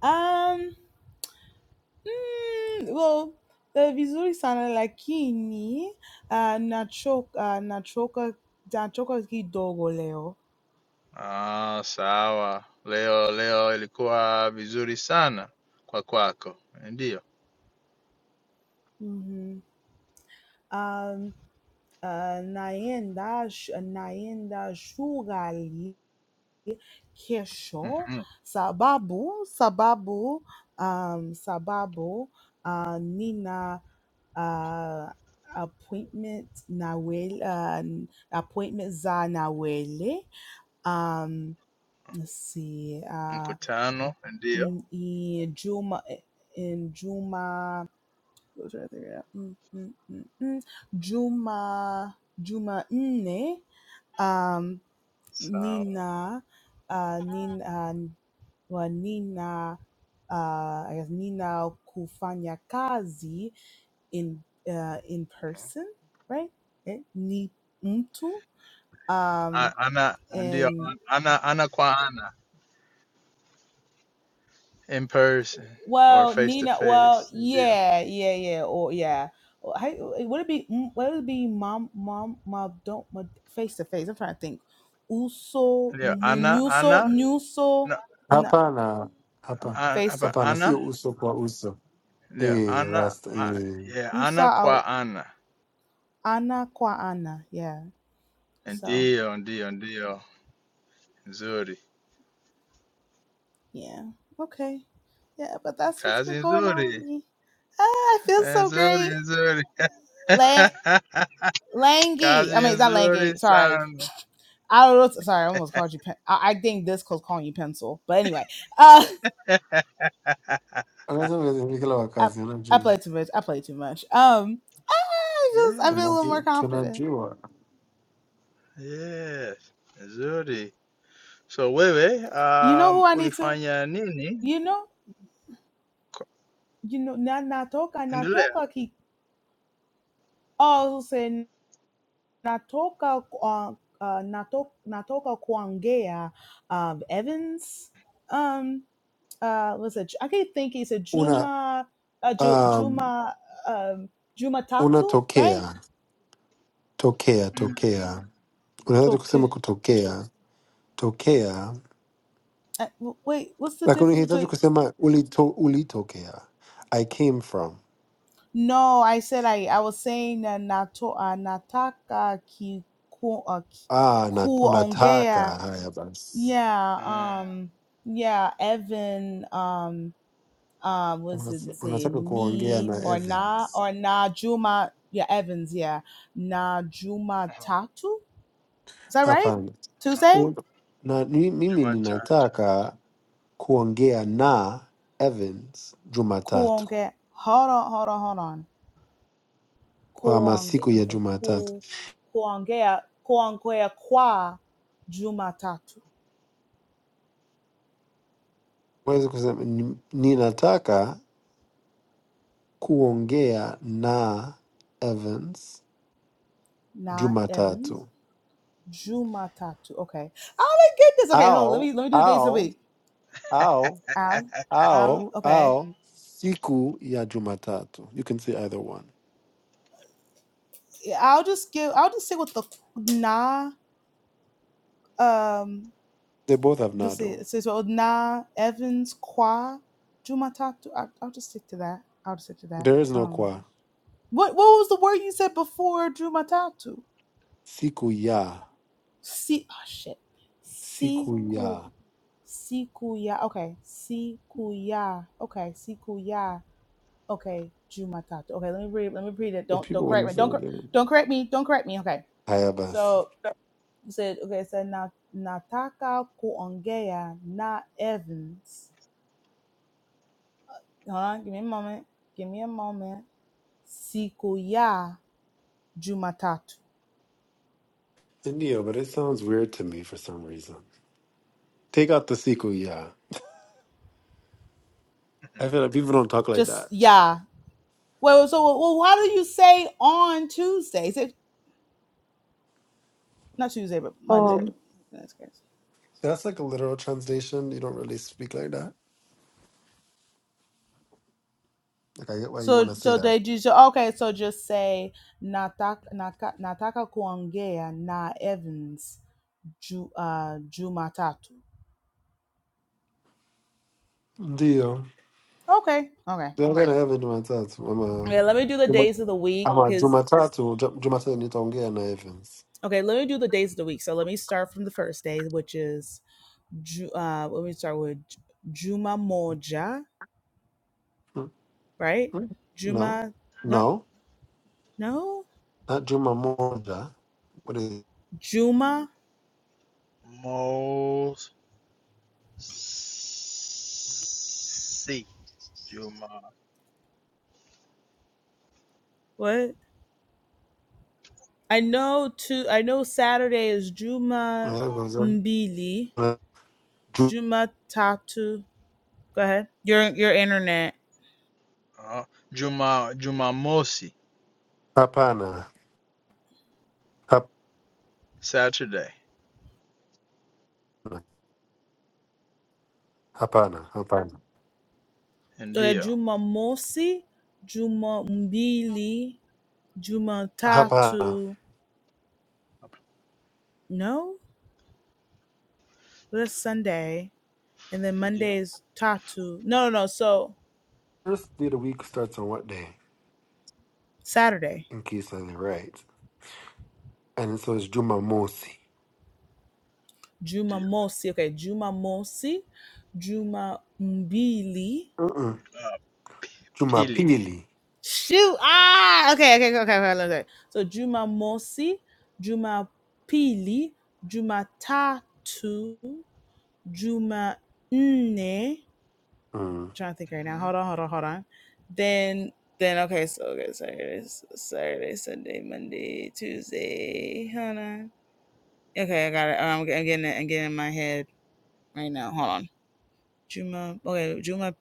Speaker 3: Um, mm, well, the vizuri sana lakini uh, nachoka uh, nachoka nachoka kidogo leo.
Speaker 5: Ah, sawa. Leo leo ilikuwa vizuri sana kwa kwako. Ndio.
Speaker 3: Mm-hmm. Um, uh, naenda sh- naenda shuleni Kesho,
Speaker 5: Mhm.
Speaker 3: sababu, sababu, um, sababu, uh, nina uh, appointment nawel, uh, appointment za nawele. Um, let's see, uh,
Speaker 5: Mkutano, ndio.
Speaker 3: n- in Juma, in Juma, what was I thinking of? Mm, mm, mm, mm. Juma, Juma nne. Um,
Speaker 5: Sawa.
Speaker 3: Nina, uh, Nina wa Nina, uh, I guess Nina kufanya kazi in uh, in person, right? Eh, Ni mtu. Um,
Speaker 5: A- Ana ndio
Speaker 3: and
Speaker 5: ana ana kwa ana. in person or
Speaker 3: well,
Speaker 5: face to
Speaker 3: Nina, well,
Speaker 5: face. Yeah,
Speaker 3: yeah, yeah, yeah, or yeah. Or how- Would it be mm, would it be mom mom mom don't mom, face to face? I'm trying to think. Uso
Speaker 5: yeah.
Speaker 3: nu-
Speaker 5: Ana,
Speaker 3: nuso
Speaker 5: ana,
Speaker 3: nuso
Speaker 5: no,
Speaker 3: na
Speaker 1: hapana, hapa
Speaker 5: an-
Speaker 3: face to
Speaker 5: apa,
Speaker 1: hapana,
Speaker 5: ana,
Speaker 1: sio uso kwa uso
Speaker 5: yeah,
Speaker 1: eh,
Speaker 5: ana,
Speaker 1: rasta
Speaker 5: a-
Speaker 1: eh.
Speaker 5: yeah, ana
Speaker 3: usa
Speaker 5: kwa ana.
Speaker 3: Ana qua Ana. Yeah. So
Speaker 5: Ndio, ndio, ndio. Nzuri,
Speaker 3: yeah. Okay. Yeah, but that's what's
Speaker 5: kazi
Speaker 3: been going on with
Speaker 5: nzuri,
Speaker 3: me. Ah, I feel
Speaker 5: Eh,
Speaker 3: so
Speaker 5: nzuri,
Speaker 3: great.
Speaker 5: nzuri.
Speaker 3: La- Langy.
Speaker 5: kazi
Speaker 3: I mean, not Langy.
Speaker 5: nzuri
Speaker 3: Sorry.
Speaker 5: sana.
Speaker 3: I don't know. Sorry, I almost called you. Pen- I, I think this close calling you pencil. But anyway, uh,
Speaker 1: Anasema kazi ni kila
Speaker 3: I,
Speaker 1: wakati,
Speaker 3: I play
Speaker 1: unajua
Speaker 3: too much. I play too much. Um, ah, I just I
Speaker 5: Yeah,
Speaker 3: feel a little more
Speaker 1: tunajua,
Speaker 3: confident.
Speaker 1: tunajua.
Speaker 5: yes, nzuri. So wewe,
Speaker 3: You know who
Speaker 5: um,
Speaker 3: I need to.
Speaker 5: ulifanya nini?
Speaker 3: You know.
Speaker 5: Ko-
Speaker 3: You know. Na natoka
Speaker 5: Endelea.
Speaker 3: natoka ki. Oh, saying. natoka kwa, uh, uh, nato, natoka kuongea um, Evans um, uh, was it, I can't think it's a
Speaker 1: una
Speaker 3: Juma uh, Ju,
Speaker 1: um,
Speaker 3: Juma um, Juma Tatu right
Speaker 1: unatokea tokea
Speaker 5: Mm, mm,
Speaker 1: tokea, unaweza
Speaker 3: Okay.
Speaker 1: kusema kutokea tokea
Speaker 3: uh, w- wait what's the
Speaker 1: Like
Speaker 3: difference
Speaker 1: unahitaji
Speaker 3: between
Speaker 1: kusema ulito, ulitokea. I came from.
Speaker 3: no I said I I was saying that nato, uh, nataka ki ku, uh, ki-
Speaker 1: Ah, na, unataka
Speaker 3: kuongea
Speaker 1: haya basi.
Speaker 3: yeah
Speaker 5: mm.
Speaker 3: um yeah Evan Um. um was it
Speaker 1: Unataka,
Speaker 3: say
Speaker 1: unataka kuongea
Speaker 3: Ni
Speaker 1: na
Speaker 3: or Na
Speaker 1: Evans.
Speaker 3: or Na Juma yeah Evans yeah Na Juma Tatu is that right
Speaker 1: Hapana.
Speaker 3: Tuesday
Speaker 1: Un- Na ni- mimi
Speaker 5: Jumatatu.
Speaker 1: ninataka kuongea na Evans Jumatatu.
Speaker 3: Kuonge hold on hold on hold on
Speaker 1: Ama
Speaker 3: Kuonge
Speaker 1: siku
Speaker 3: I was
Speaker 1: ya
Speaker 3: like
Speaker 1: Jumatatu.
Speaker 3: Ku Kuongea Kuongea Kwa Juma Tatu
Speaker 1: Huwezi kusema ni- ninataka kuongea na Evans
Speaker 3: Na Evans
Speaker 1: Jumatatu.
Speaker 3: Juma Tatu okay oh my goodness okay hold on, let
Speaker 1: Au
Speaker 3: me let me do the days of the
Speaker 1: au
Speaker 3: week
Speaker 1: au
Speaker 3: um I'll
Speaker 1: Ao,
Speaker 3: okay
Speaker 1: ao, siku ya Jumatatu. You can say either one.
Speaker 3: Yeah, I'll just give I'll just say what the Na um
Speaker 1: They both have
Speaker 3: do say
Speaker 1: nado.
Speaker 3: say so na Evans Qua Jumatatu. I, I'll just stick to that. I'll just stick to that.
Speaker 1: There is no
Speaker 3: Um,
Speaker 1: kwa.
Speaker 3: what what was the word you said before Jumatatu?
Speaker 1: Siku ya,
Speaker 3: Si oh shit,
Speaker 1: siku
Speaker 3: siku
Speaker 1: ya.
Speaker 3: sikuya. Okay, sikuya. Okay, sikuya. Okay, Jumatatu. Okay, let me read. Let me read it.
Speaker 1: But
Speaker 3: Don't don't
Speaker 1: people
Speaker 3: correct
Speaker 1: wouldn't
Speaker 3: me.
Speaker 1: say
Speaker 3: Don't cor-
Speaker 1: it.
Speaker 3: don't correct me. Don't correct me. Okay,
Speaker 1: Haya basi.
Speaker 3: so you said okay. It said na nataka kuongea na Evans Huh? Give me a moment. Give me a moment. Siku ya Jumatatu.
Speaker 1: Indio, but it sounds weird to me for some reason. Take out the siku ya. I feel like people don't talk like
Speaker 3: Just
Speaker 1: that.
Speaker 3: ya. Well, so well, why do you say on Tuesday? Is it not Tuesday, but Monday?
Speaker 1: Um,
Speaker 3: That's crazy.
Speaker 1: That's like a literal translation. You don't really speak like that. Like I get why you
Speaker 3: So
Speaker 1: want to say
Speaker 3: so
Speaker 1: that.
Speaker 3: they just okay. So just say nataka naka, nataka kuongea na Evans ju, uh, Jumatatu.
Speaker 1: Ndio.
Speaker 3: Okay, okay.
Speaker 1: Gonna have a Jumatatu.
Speaker 3: Okay, let me do the
Speaker 1: I'm a,
Speaker 3: days of the week
Speaker 1: I'm a
Speaker 3: because
Speaker 1: Jumatatu. Ju- Jumatatu nitaongea na Evans.
Speaker 3: okay, let me do the days of the week. So let me start from the first day, which is Ju- uh, let me start with J- Juma Moja,
Speaker 1: No,
Speaker 3: right?
Speaker 1: no,
Speaker 3: Juma, not
Speaker 1: not
Speaker 3: no
Speaker 1: juma moja. What is
Speaker 3: Juma.
Speaker 5: Most Si. Juma,
Speaker 3: What I know to I know Saturday is Juma
Speaker 1: it?
Speaker 3: Mbili,
Speaker 1: Ju-
Speaker 3: Juma Tatu. Go ahead. Your your internet.
Speaker 5: uh, Juma, Jumamosi,
Speaker 1: Hapana, hapana,
Speaker 5: Saturday.
Speaker 1: hapana, hapana,
Speaker 3: Uh,
Speaker 5: Ndio.
Speaker 3: Juma Mosi, Juma Mbili, Juma
Speaker 1: hapana.
Speaker 3: Tatu. No, that's Sunday, and then Monday
Speaker 5: Ndio.
Speaker 3: is Tatu. No, no, no. So
Speaker 1: First day of the week starts on what day?
Speaker 3: Saturday.
Speaker 1: In case I'm right, and so it's juma mosi.
Speaker 5: Ndio.
Speaker 3: Jumamosi. Okay, Jumamosi, Juma Mbili.
Speaker 1: Uh-uh.
Speaker 5: Uh, P-
Speaker 1: Juma
Speaker 5: pili.
Speaker 1: pili.
Speaker 3: Shoot. Ah, okay, okay, okay, okay, okay. okay. So Jumamosi, Jumapili, Jumatatu, Jumanne.
Speaker 1: Mm.
Speaker 3: Trying to think right now.
Speaker 5: Mhm.
Speaker 3: Hold on, hold on, hold on. Then then okay, so okay, Saturday, Saturday, Sunday, Monday, Tuesday. Hold on. Okay, I got it. Oh, I'm, I'm getting it. I'm getting it in my head right now. Hold on. Juma, okay, Juma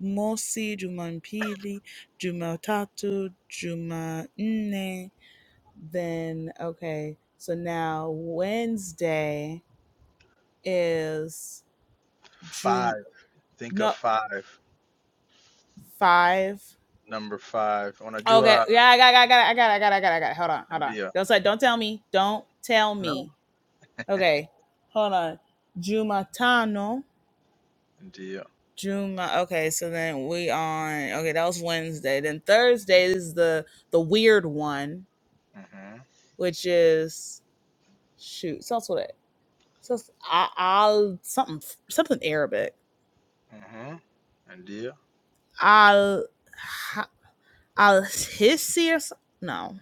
Speaker 3: Mosi, Juma Pili, Juma Tatu, Juma Nne. Then, okay, so now Wednesday is Jum,
Speaker 5: Five. Think of
Speaker 3: no,
Speaker 5: five.
Speaker 3: five.
Speaker 5: Number five.
Speaker 3: Okay,
Speaker 5: Unajua
Speaker 3: yeah, I got, it, I got, it, I got, it, I got, it, I got, it, I got. it. Hold on, hold on.
Speaker 5: ndio.
Speaker 3: Don't say, don't tell me, don't tell
Speaker 5: No.
Speaker 3: me. Okay, hold on. Jumatano.
Speaker 5: Ndio.
Speaker 3: June. Okay, so then we on. Okay, that was Wednesday. Then Thursday is the the weird one,
Speaker 5: Mhm.
Speaker 3: which is shoot. So that's what it. So it's I- I'll something something Arabic.
Speaker 5: Mhm. Ndio.
Speaker 3: I'll ha- I'll hissi or s- no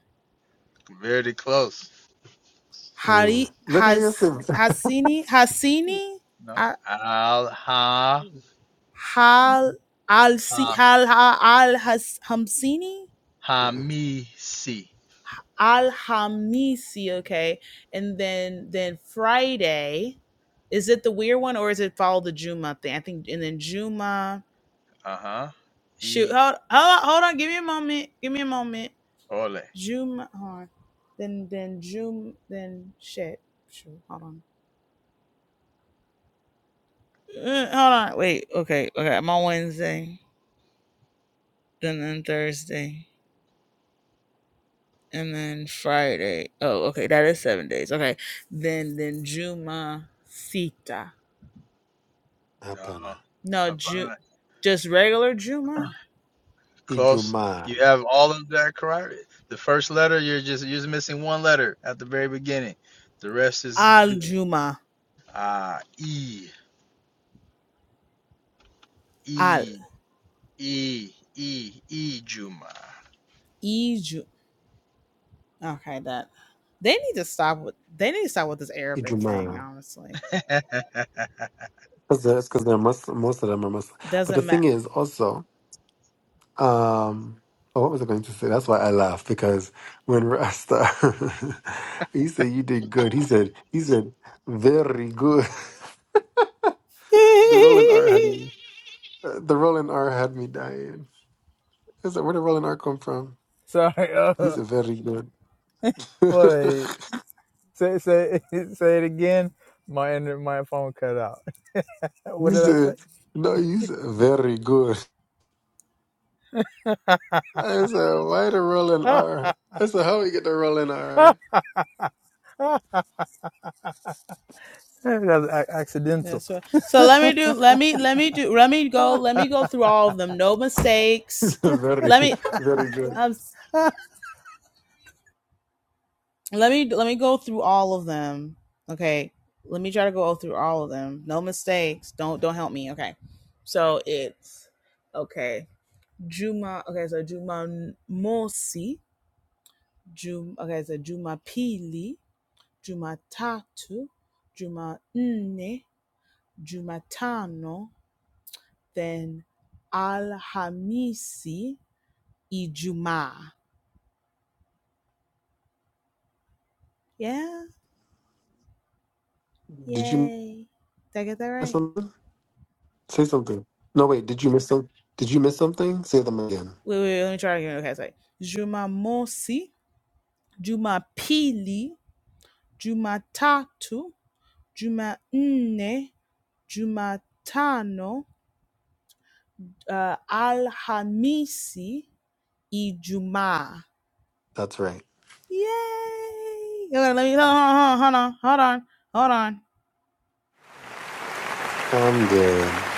Speaker 5: Very close.
Speaker 1: Mm.
Speaker 3: Hari
Speaker 1: Look at
Speaker 3: has
Speaker 1: yourself.
Speaker 3: Hasini Hasini
Speaker 5: No.
Speaker 3: I-
Speaker 5: Al ha
Speaker 3: Hal Al Si
Speaker 5: ha
Speaker 3: Hal ha- Al Has Hamsini
Speaker 1: Uh-uh.
Speaker 5: hamisi.
Speaker 3: Alhamisi, okay. And then then Friday, is it the weird one or is it follow the Juma thing? I think and then Juma
Speaker 5: Uh-huh.
Speaker 3: shoot
Speaker 5: E.
Speaker 3: hold hold on, hold on, give me a moment. Give me a moment.
Speaker 5: Ole.
Speaker 3: Juma hold on. Then then Juma then shit. Shoot, hold on. Uh, hold on. Wait, okay, okay. I'm on Wednesday, then then Thursday, and then Friday. Oh, okay, that is seven days. Okay. Then then Juma Sita.
Speaker 5: No,
Speaker 1: Hapana.
Speaker 3: No, Ju-
Speaker 5: Havant.
Speaker 3: just regular Juma.
Speaker 5: Close.
Speaker 1: Ijumaa.
Speaker 5: You have all of that correct. The first letter, you're just you're just missing one letter at the very beginning. The rest is
Speaker 3: Al
Speaker 5: good.
Speaker 3: Juma.
Speaker 5: Ah, e,
Speaker 3: Al
Speaker 5: e, e, e, e, Juma.
Speaker 3: Iju. Okay, that. They need to stop with. They need to stop with this Arabic thing.
Speaker 1: Ijumaa.
Speaker 3: Honestly,
Speaker 1: That's because they're Muslim. Most of them are Muslim. But the
Speaker 3: doesn't
Speaker 1: thing
Speaker 3: matter.
Speaker 1: is also. Um, oh, what was I going to say? That's why I laughed because when Rasta, he said you did good. He said he said very good. The Rolling R had me. uh, The Rolling R had me dying. I said, where did Rolling R come from?
Speaker 5: Sorry,
Speaker 1: He
Speaker 5: uh,
Speaker 1: said very good.
Speaker 5: but
Speaker 1: he
Speaker 5: say say say it again. My inter- my phone cut out. What did I say?
Speaker 1: said no. He said very good. I said why the Rolling
Speaker 5: that
Speaker 1: R? I said how we get the Rolling R?
Speaker 5: was a- accidental.
Speaker 3: That's right. So let me do. Let me. Let me do. Let me go. Let me go through all of them. No
Speaker 1: He
Speaker 3: mistakes.
Speaker 1: said very
Speaker 3: Let me.
Speaker 1: very good.
Speaker 3: Um. Let me. Let me go through all of them. Okay. Let me try to go through all of them. No mistakes. Don't. Don't help me. Okay. So it's okay. Juma, okay, so Juma Mosi, Jum, okay, so Juma Pili, Juma Tatu, Juma Nne, Juma Tano, then Alhamisi, Ijuma. Yeah?
Speaker 1: Did you know
Speaker 3: Yay. Did I get that right?
Speaker 1: something? Say something. No, wait. Did you miss some? Did you miss something? Say them again.
Speaker 3: Wait, wait, let me try again. Okay, sorry. Juma Mosi, Juma Pili, Juma Tatu, Juma Nne, Juma Tano, uh, Alhamisi Ijuma.
Speaker 1: That's right.
Speaker 3: Yay! Hold on, let me hold on, hold on, hold on, hold on.
Speaker 1: I'm good.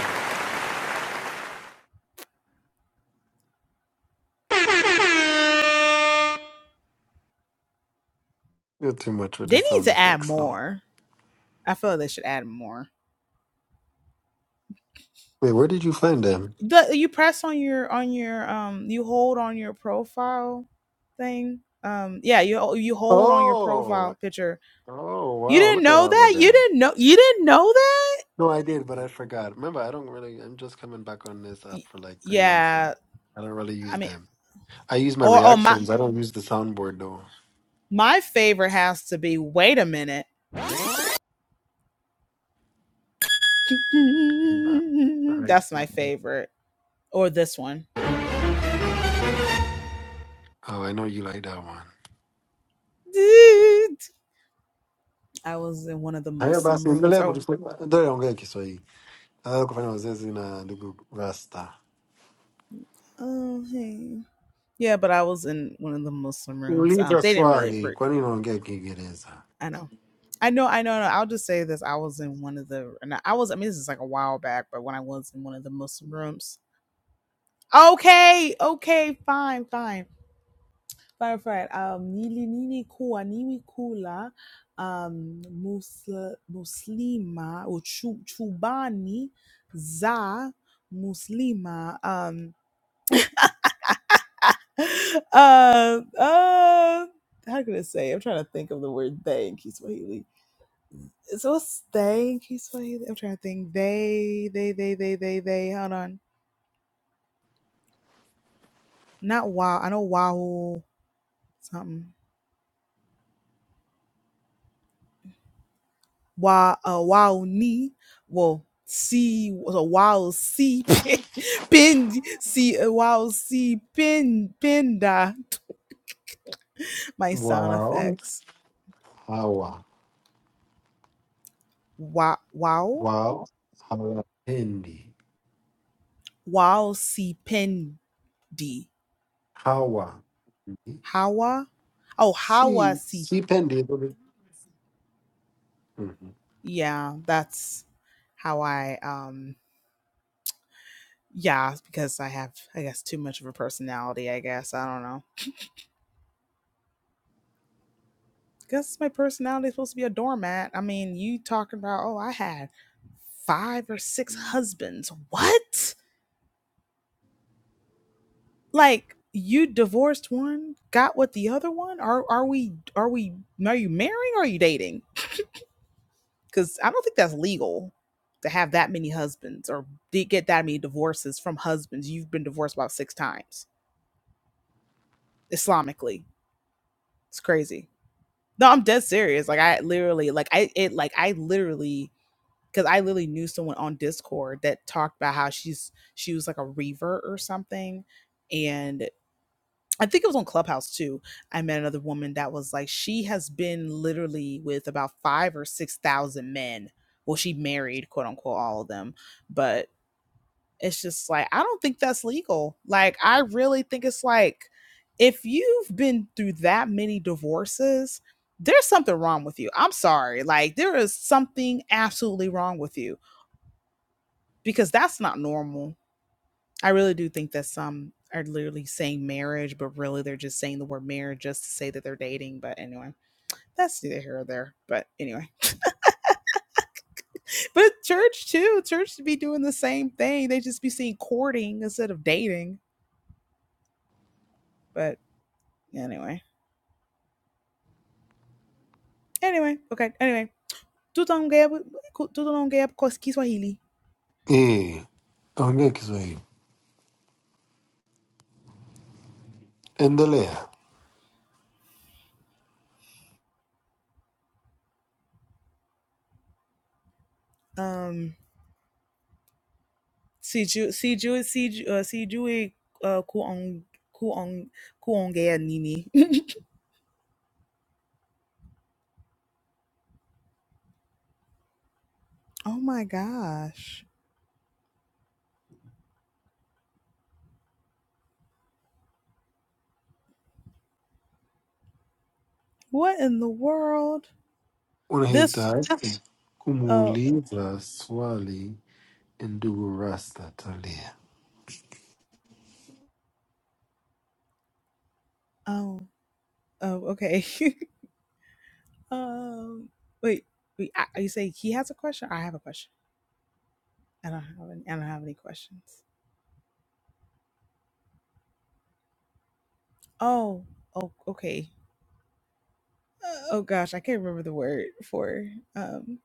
Speaker 1: You're too much with
Speaker 3: They
Speaker 1: the
Speaker 3: need
Speaker 1: sound
Speaker 3: to add
Speaker 1: effects. No.
Speaker 3: more. I feel like they should add more.
Speaker 1: Wait. Where did you find them?
Speaker 3: The, you press on your on your um you hold on your profile thing. Um yeah, you you hold on your
Speaker 1: Oh.
Speaker 3: profile picture.
Speaker 1: Oh
Speaker 3: You
Speaker 1: wow.
Speaker 3: didn't
Speaker 1: Look at
Speaker 3: know
Speaker 1: over
Speaker 3: that? You
Speaker 1: there.
Speaker 3: didn't know you didn't know that?
Speaker 1: No, I did, but I forgot. Remember, I don't really. I'm just coming back on this app for like three months now.
Speaker 3: Yeah,
Speaker 1: I don't really
Speaker 3: I
Speaker 1: use
Speaker 3: mean
Speaker 1: them. I use my
Speaker 3: or oh my
Speaker 1: reactions. I don't use the soundboard though.
Speaker 3: My favorite has to be Wait a Minute.
Speaker 1: I like-
Speaker 3: That's my favorite. Or this one.
Speaker 1: Oh, I know you like that one.
Speaker 3: I was in one of the
Speaker 1: Aí eu
Speaker 3: Muslim
Speaker 1: faço assim,
Speaker 3: rooms.
Speaker 1: beleza, por
Speaker 3: Oh,
Speaker 1: isso que eu Ah, kufanya mazoezi na ndugu Rasta.
Speaker 3: oh hey. yeah, but I was in one of the Muslim rooms. Um,
Speaker 1: Uliza
Speaker 3: they didn't really
Speaker 1: swali,
Speaker 3: approve.
Speaker 1: kwa nini unaongea Kiingereza?
Speaker 3: I know. I know, I know, I I'll just say this. I was in one of the, and I was, I mean, this is like a while back, but when I was in one of the Muslim rooms. Okay, okay, fine, fine. Fine, fine. Um, nili nini kuwa niwi kula um, musl, muslima au chu, chubani za muslima. Um, uh, uh, how can I say? I'm trying to think of the word they in Kiswahili. So what's they in Kiswahili? I'm trying to think. They, they, they, they, they, they. Hold on. Not wow. I know wow something. wa uh, wao ni well see so wow see pin see uh, wow see pin pinda my sound
Speaker 1: Wao
Speaker 3: effects
Speaker 1: hawa
Speaker 3: wow wow
Speaker 1: wao hawapendi
Speaker 3: wow see pindi
Speaker 1: hawa,
Speaker 3: hawa oh hawa
Speaker 1: si
Speaker 3: see
Speaker 1: sipendi. Mhm.
Speaker 3: yeah that's how i um yeah because i have i guess too much of a personality i guess i don't know Guess my personality is supposed to be a doormat. I mean, you talking about, oh, I had five or six husbands. What? Like you divorced one, got with the other one? Are are we are we are you marrying or are you dating? Cuz I don't think that's legal to have that many husbands or get that many divorces from husbands. You've been divorced about 6 times Islamically. It's crazy. No, I'm dead serious. Like I literally like I it like I literally because I literally knew someone on Discord that talked about how she's she was like a reaver or something, and I think it was on Clubhouse too. I met another woman that was like she has been literally with about five or six thousand men. Well, she married quote unquote all of them, but it's just like I don't think that's legal. Like I really think it's like if you've been through that many divorces. There's something wrong with you. I'm sorry. Like, there is something absolutely wrong with you because that's not normal. I really do think that some are literally saying marriage, but really they're just saying the word marriage just to say that they're dating. But anyway, that's neither here or there. But anyway, but church too, church to be doing the same thing. They just be seeing courting instead of dating. But anyway, anyway, okay, anyway. Tutanongea, tutanongea kwa Kiswahili.
Speaker 1: Eh, ongea Kiswahili, endelea.
Speaker 3: Um. Siju Siju Siju uh, Siju e uh, Kuong Kuong Kuongea Nini. oh my gosh! What in the world? This
Speaker 1: Unahitaji
Speaker 3: uh
Speaker 1: kumuuliza swali ndugu Rasta Talia.
Speaker 3: oh oh okay. um wait wait I, you say he has a question? I have a question. I don't have any, I don't have any questions. Oh, oh, okay. Uh, oh gosh, I can't remember the word for um.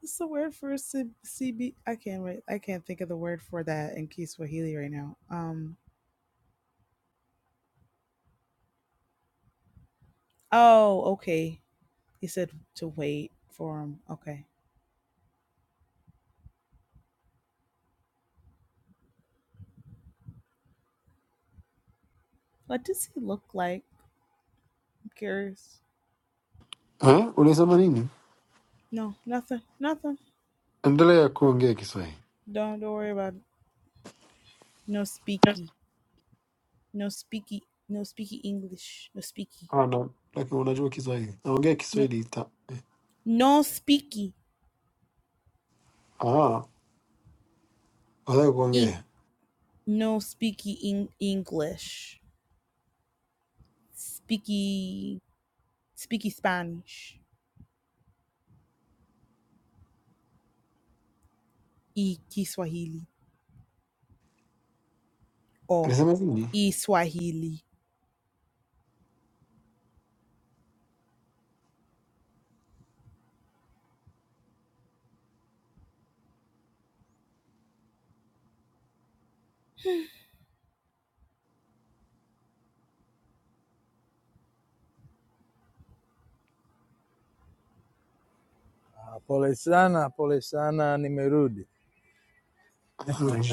Speaker 3: What's the word for C- CB? I can't wait. I can't think of the word for that in Key Swahili right now. Um. Oh, okay. He said to wait for him. Okay. What does he look like? I'm curious.
Speaker 1: Eh, ulisema nini?
Speaker 3: No, nothing, nothing.
Speaker 1: Endelea kuongea Kiswahili.
Speaker 3: Don't don't worry about it. No speaky, no speaky, no speaky English, no speaky,
Speaker 1: Ah, na- Lakini unajua Kiswahili, naongea
Speaker 3: no
Speaker 1: Kiswahili ta
Speaker 3: no speaky.
Speaker 1: ah. Nataka
Speaker 3: in.
Speaker 1: kuongea.
Speaker 3: No speaky in- English. Speaky speaky Spanish. E Kiswahili or
Speaker 1: Alisema nini?
Speaker 3: E Swahili.
Speaker 5: Polesana, polesani merudi.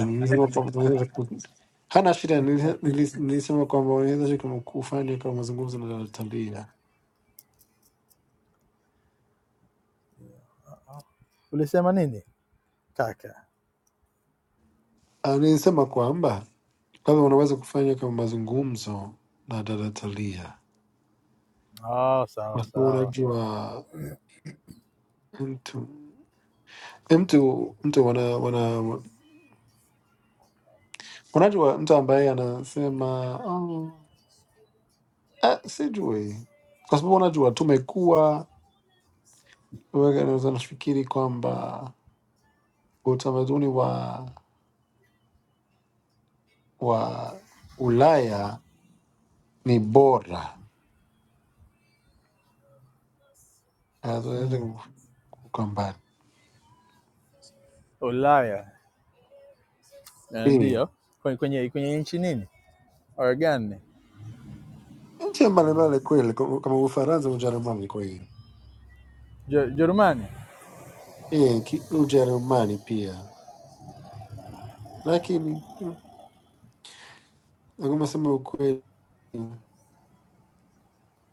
Speaker 1: Nilisema kwamba tunaweza ku- hana shida. nilis- nilis- Nilisema kwamba unaweza ku- kufanya kama mazungumzo na dada Talia.
Speaker 5: Polesini.
Speaker 1: Ah, Nilisema kwamba kama unaweza kufanya kama mazungumzo na dada Talia,
Speaker 5: Oh, sawa
Speaker 1: Kwa sababu
Speaker 5: sawa.
Speaker 1: unajua mtu mtu mtu wana, wana, unajua mtu ambaye anasema oh, ah, sijui, kwa sababu unajua tumekuwa wewe unaweza nafikiri kwamba utamaduni wa wa Ulaya ni bora, hatuwezi kukambana.
Speaker 5: Ulaya eh,
Speaker 1: Eh,
Speaker 5: ndio kwenye, kwenye, kwenye nchi nini Or gani?
Speaker 1: Nchi mbalimbali kweli, kama kama Ufaransa, Ujerumani kwa hiyo
Speaker 5: Je- Jerumani.
Speaker 1: Eh, ki- Ujerumani pia, lakini mm, kama sema ukweli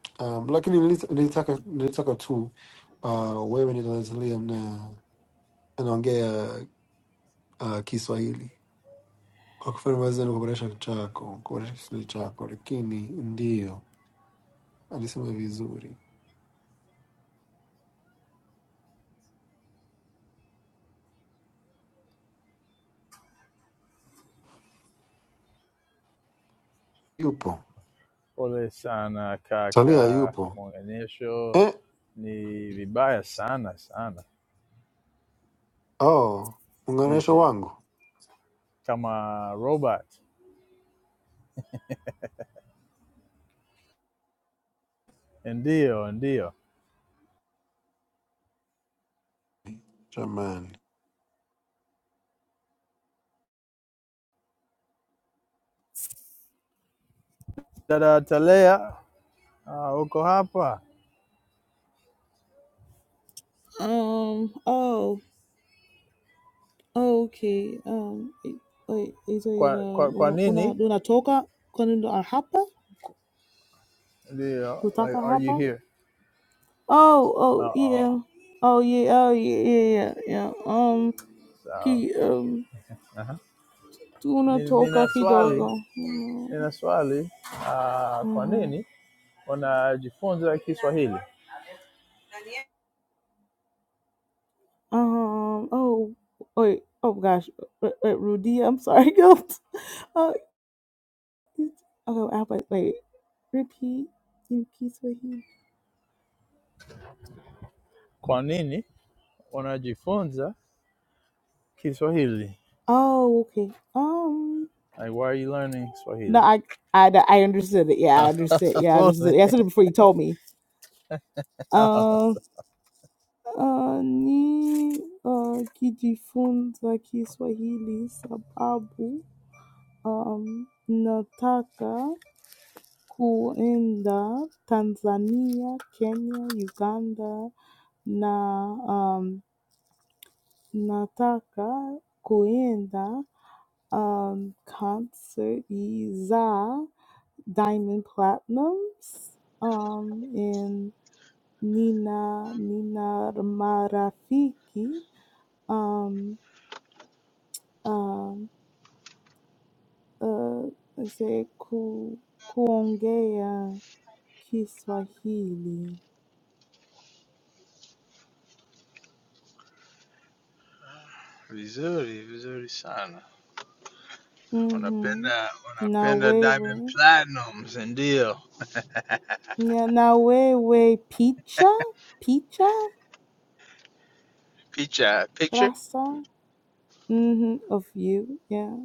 Speaker 1: um, lakini nilita- nilitaka nilitaka tu uh, wewe ni Tanzania na anaongea uh, Kiswahili kwa kufanya mazoezi na kuboresha chako kuboresha Kiswahili chako, lakini ndio alisema vizuri, yupo
Speaker 5: Pole sana
Speaker 1: Talia,
Speaker 5: kaka,
Speaker 1: yupo
Speaker 5: muunganisho
Speaker 1: Eh,
Speaker 5: ni vibaya sana sana,
Speaker 1: oh, muunganisho
Speaker 5: Nilish-
Speaker 1: wangu
Speaker 5: kama robot. Eh, Ndio ndio.
Speaker 1: jamani.
Speaker 5: Dada Talea, uh, uko hapa
Speaker 3: Um. Oh. oh, okay. Um. i- i- Is it
Speaker 5: kwa,
Speaker 3: uh,
Speaker 5: kwa, kwa
Speaker 3: una una
Speaker 5: nini?
Speaker 3: una toca cuando a hapa?
Speaker 5: Ndio,
Speaker 3: Kutaka
Speaker 5: like, are you
Speaker 3: hapa?
Speaker 5: here?
Speaker 3: Oh.
Speaker 5: Uh
Speaker 3: Oh.
Speaker 5: -oh.
Speaker 3: Yeah. Oh. Yeah. Oh. Yeah. Yeah. Yeah. yeah. Um.
Speaker 5: Sawa.
Speaker 3: Ki. Um.
Speaker 5: Aha.
Speaker 3: Una
Speaker 5: Ni-
Speaker 3: toca
Speaker 5: Nina swali,
Speaker 3: kidogo.
Speaker 5: nina swali. Uh, kwa
Speaker 3: Mm-hmm.
Speaker 5: nini wanajifunza Kiswahili.
Speaker 3: Um. Oh. Wait. Oh gosh. Uh, uh, Rudia. I'm sorry. Guilt. Oh. it's- Okay. I wait. Wait. Repeat. In peace with him.
Speaker 5: Kwa nini wanajifunza Kiswahili?
Speaker 3: Oh. Okay. Um.
Speaker 5: Like, why are you learning
Speaker 3: No.
Speaker 5: Swahili?
Speaker 3: I. I. I understood it. Yeah. I understood. Yeah. I understood.
Speaker 5: Pole.
Speaker 3: It. yeah, I said it before you told me. Um. Uh, ni uh, kijifunza Kiswahili sababu um, nataka kuenda Tanzania, Kenya, Uganda na um, nataka kuenda um, konserti za Diamond Platinums um, in Nina Nina Marafiki um, um, uh, say ku, kuongea Kiswahili.
Speaker 5: Vizuri, vizuri sana.
Speaker 3: Mm-hmm.
Speaker 5: Unapenda
Speaker 3: Na
Speaker 5: unapenda Diamond
Speaker 3: wewe
Speaker 5: Platnumz, ndio.
Speaker 3: na na wewe picha picha
Speaker 5: Picha, picture?
Speaker 3: rasa hmm Of you, yeah.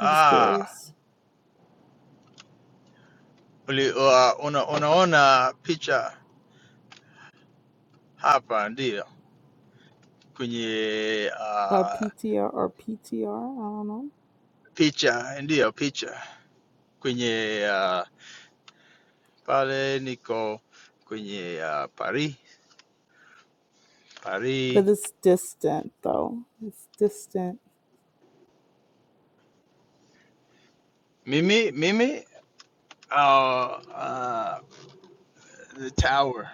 Speaker 3: I'm just curious.
Speaker 5: uli, uh, una, unaona picha hapa ndio. Kwenye
Speaker 3: Or
Speaker 5: uh,
Speaker 3: PTR or P T R. I don't know.
Speaker 5: picha, ndio picha. Kwenye uh, pale niko kwenye uh, Paris, Paris
Speaker 3: But it's distant though. It's distant.
Speaker 5: Mimi, Mimi, uh, uh, the tower,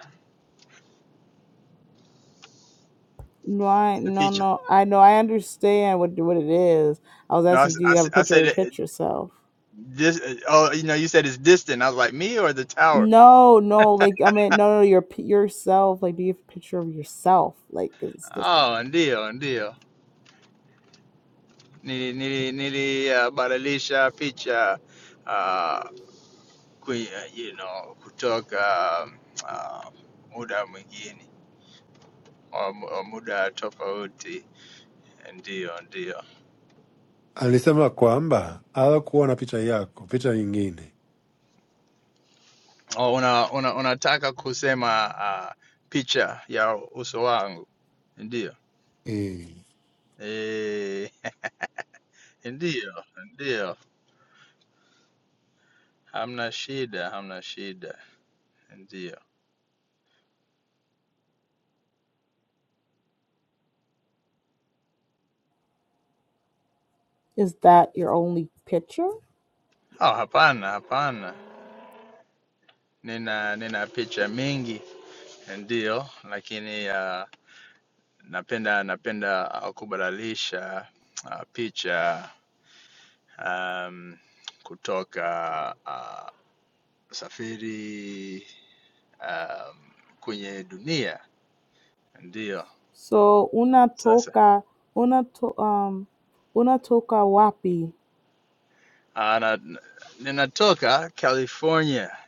Speaker 3: No, I
Speaker 5: the
Speaker 3: no
Speaker 5: picture.
Speaker 3: no. I know. I understand what what it is. I was
Speaker 5: No, I,
Speaker 3: asking,
Speaker 5: s-
Speaker 3: do
Speaker 5: I
Speaker 3: you have a
Speaker 5: s- I
Speaker 3: picture of
Speaker 5: said
Speaker 3: your
Speaker 5: it,
Speaker 3: picture self?
Speaker 5: this. uh, Oh, you know, you said it's distant. I was like, me or the tower?
Speaker 3: No, no, like I mean, no, no, your p- yourself. Like, do you have a picture of yourself? Like, 'cause it's distant.
Speaker 5: Oh, ndio, ndio. Nili, nili, nili uh, baralisha picha uh, kui, uh, you know, kutoka um, uh, muda mwingine or mu- or muda tofauti. Ndio, ndio.
Speaker 1: Alisema kwamba hawakuona picha yako, picha nyingine.
Speaker 5: Oh, una, una, unataka kusema uh, picha ya uso wangu?
Speaker 1: Eh.
Speaker 5: Eh, ndiyo, ndiyo. Hamna shida, hamna shida. Ndiyo.
Speaker 3: Is that your only picture?
Speaker 5: Ah, hapana, hapana. Nina nina picha mingi, ndiyo, lakini ah, napenda napenda ah, kubadilisha ah, picha um, kutoka ah, safiri um, kwenye dunia. Ndiyo.
Speaker 3: So
Speaker 5: Sasa
Speaker 3: unatoka unato, um, unatoka wapi?
Speaker 5: ah, na, ninatoka California.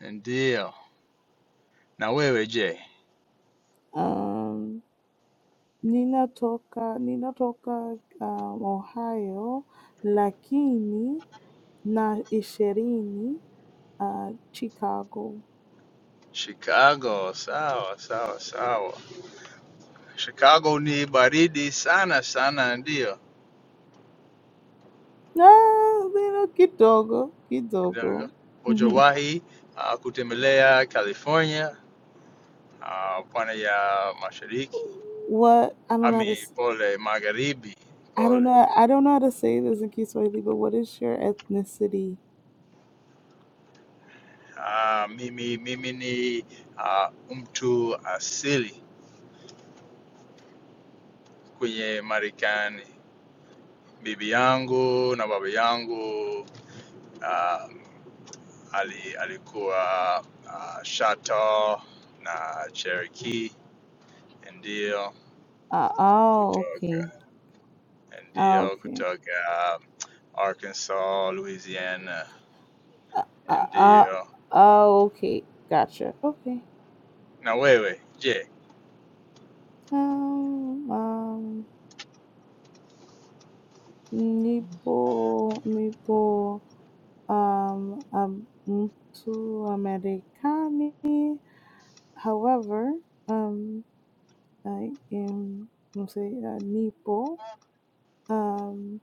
Speaker 5: Ndiyo. Na wewe je?
Speaker 3: Um, ninatoka ninatoka um, Ohio, lakini na ishirini uh, Chicago.
Speaker 5: Chicago, sawa sawa sawa. Chicago ni baridi sana sana, ndio
Speaker 3: Ah, you kidogo kidogo.
Speaker 5: hujawahi uh, kutembelea California uh, pwani ya mashariki
Speaker 3: what I don't know how to
Speaker 5: ami,
Speaker 3: s-
Speaker 5: pole magharibi,
Speaker 3: I don't
Speaker 5: pole.
Speaker 3: know I don't know how to say this in Kiswahili, but what is your ethnicity?
Speaker 5: Uh, mimi mimi ni uh, mtu asili kwenye Marekani. Bibi yangu na baba yangu uh, ali, alikuwa uh, Chateau na Cherokee ndio
Speaker 3: Uh, oh, okay,
Speaker 5: kutoka
Speaker 3: Ah,
Speaker 5: ndio
Speaker 3: okay.
Speaker 5: kutoka um, Arkansas, Louisiana
Speaker 3: Uh, uh, uh,
Speaker 5: ndio.
Speaker 3: oh, okay, gotcha. Okay.
Speaker 5: Na wewe je?
Speaker 3: Um, um, nipo, nipo, um, um, to Americani. However, um, I am, I'm say, uh, nipo, um,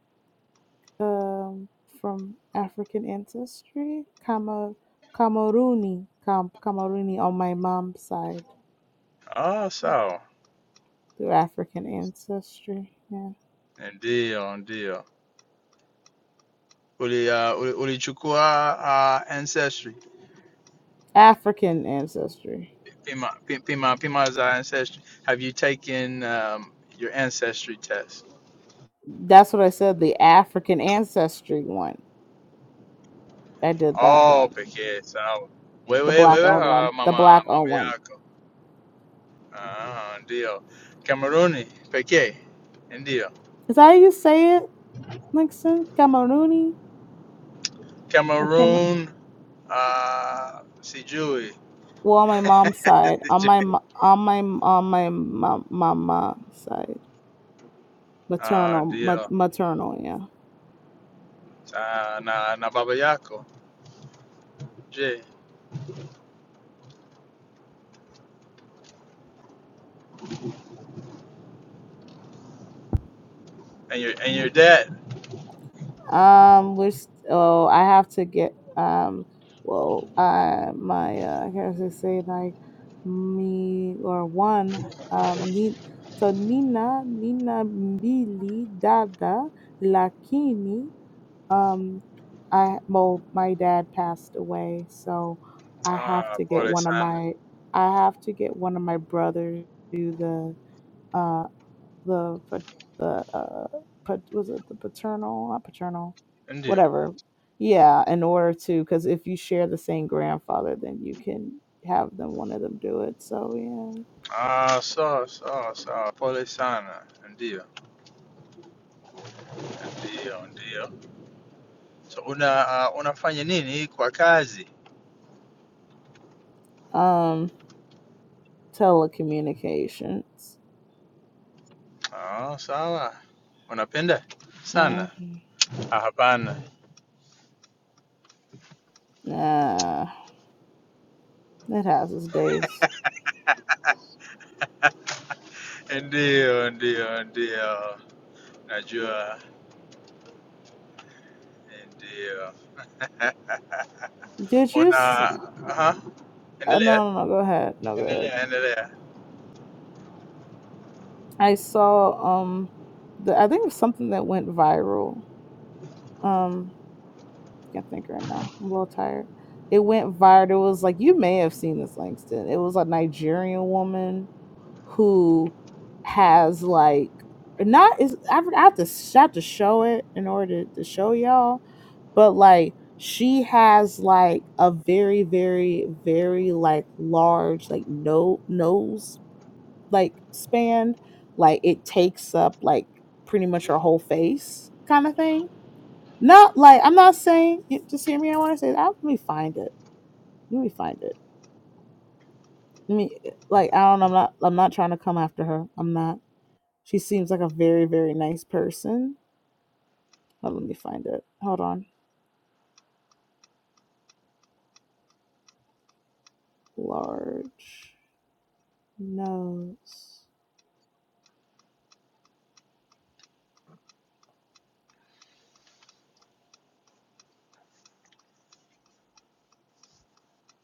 Speaker 3: um, from African ancestry, Kama, Camerooni, Cam, Camerooni on my mom's side
Speaker 5: Ah, sawa.
Speaker 3: through African ancestry. Yeah.
Speaker 5: Ndio, ndio. Uli, uh, uli, ulichukua uh, ancestry
Speaker 3: African ancestry.
Speaker 5: pima, pima, pima za ancestry. Have you taken um, your ancestry test?
Speaker 3: That's what I said. The African ancestry one. I did that
Speaker 5: Oh,
Speaker 3: one.
Speaker 5: pekee sawa.
Speaker 3: The
Speaker 5: Wewe
Speaker 3: black
Speaker 5: wewe
Speaker 3: owned one.
Speaker 5: uh,
Speaker 3: The
Speaker 5: mama
Speaker 3: black owned
Speaker 5: mama
Speaker 3: one.
Speaker 5: yako Ah, ndio Kameruni pekee, ndio
Speaker 3: Is that how you say it, Nixon? Camerooni. I can't.
Speaker 5: Cameroon. ah, sijui
Speaker 3: Well, on my mom's side, on my
Speaker 5: sijui.
Speaker 3: on my on my mom, mama side.
Speaker 5: Ah,
Speaker 3: maternal ma-
Speaker 5: ndio
Speaker 3: maternal yeah
Speaker 5: Ah, na na baba yako je, and your and
Speaker 3: Mm.
Speaker 5: your dad.
Speaker 3: Um, which oh, I have to get um, well, uh, my uh, I guess I say like me or one um Need so Nina Nina Mbili Dada Lakini um I well my dad passed away so I have
Speaker 5: Ah,
Speaker 3: to get
Speaker 5: pole
Speaker 3: one of
Speaker 5: sana.
Speaker 3: my I have to get one of my brothers to do the um the the uh was it the paternal not paternal
Speaker 5: Ndio.
Speaker 3: whatever yeah in order to because if you share the same grandfather then you can have them one of them do it so yeah
Speaker 5: Ah, sawa sawa sawa, pole sana. Ndio ndio ndio. So una ah, unafanya nini kwa kazi?
Speaker 3: um telecommunications
Speaker 5: Ah, sawa. Unapenda sana?
Speaker 3: hmm
Speaker 5: Ah, hapana.
Speaker 3: It has its days.
Speaker 5: Ndiyo, ndiyo, ndiyo, najua, ndiyo. Eh,
Speaker 3: Did you?
Speaker 5: Una,
Speaker 3: S-
Speaker 5: aha,
Speaker 3: oh,
Speaker 5: endelea,
Speaker 3: no, no, no. Go ahead. No, go ahead.
Speaker 5: endelea, endelea.
Speaker 3: I saw um, the I think it was something that went viral. Um. can't think right now. I'm a little tired. It went viral. It was like you may have seen this, Langston. It was a Nigerian woman who has like not is I have to I have to show it in order to, to show y'all, but like she has like a very very very like large like no nose like span, like it takes up like pretty much her whole face kind of thing no, like I'm not saying. Just hear me. I want to say. let me find it. Let me find it. Let me eh, like. I don't. I'm not. I'm not trying to come after her. I'm not. She seems like a very very nice person. Oh, let me find it. Hold on. Large nose.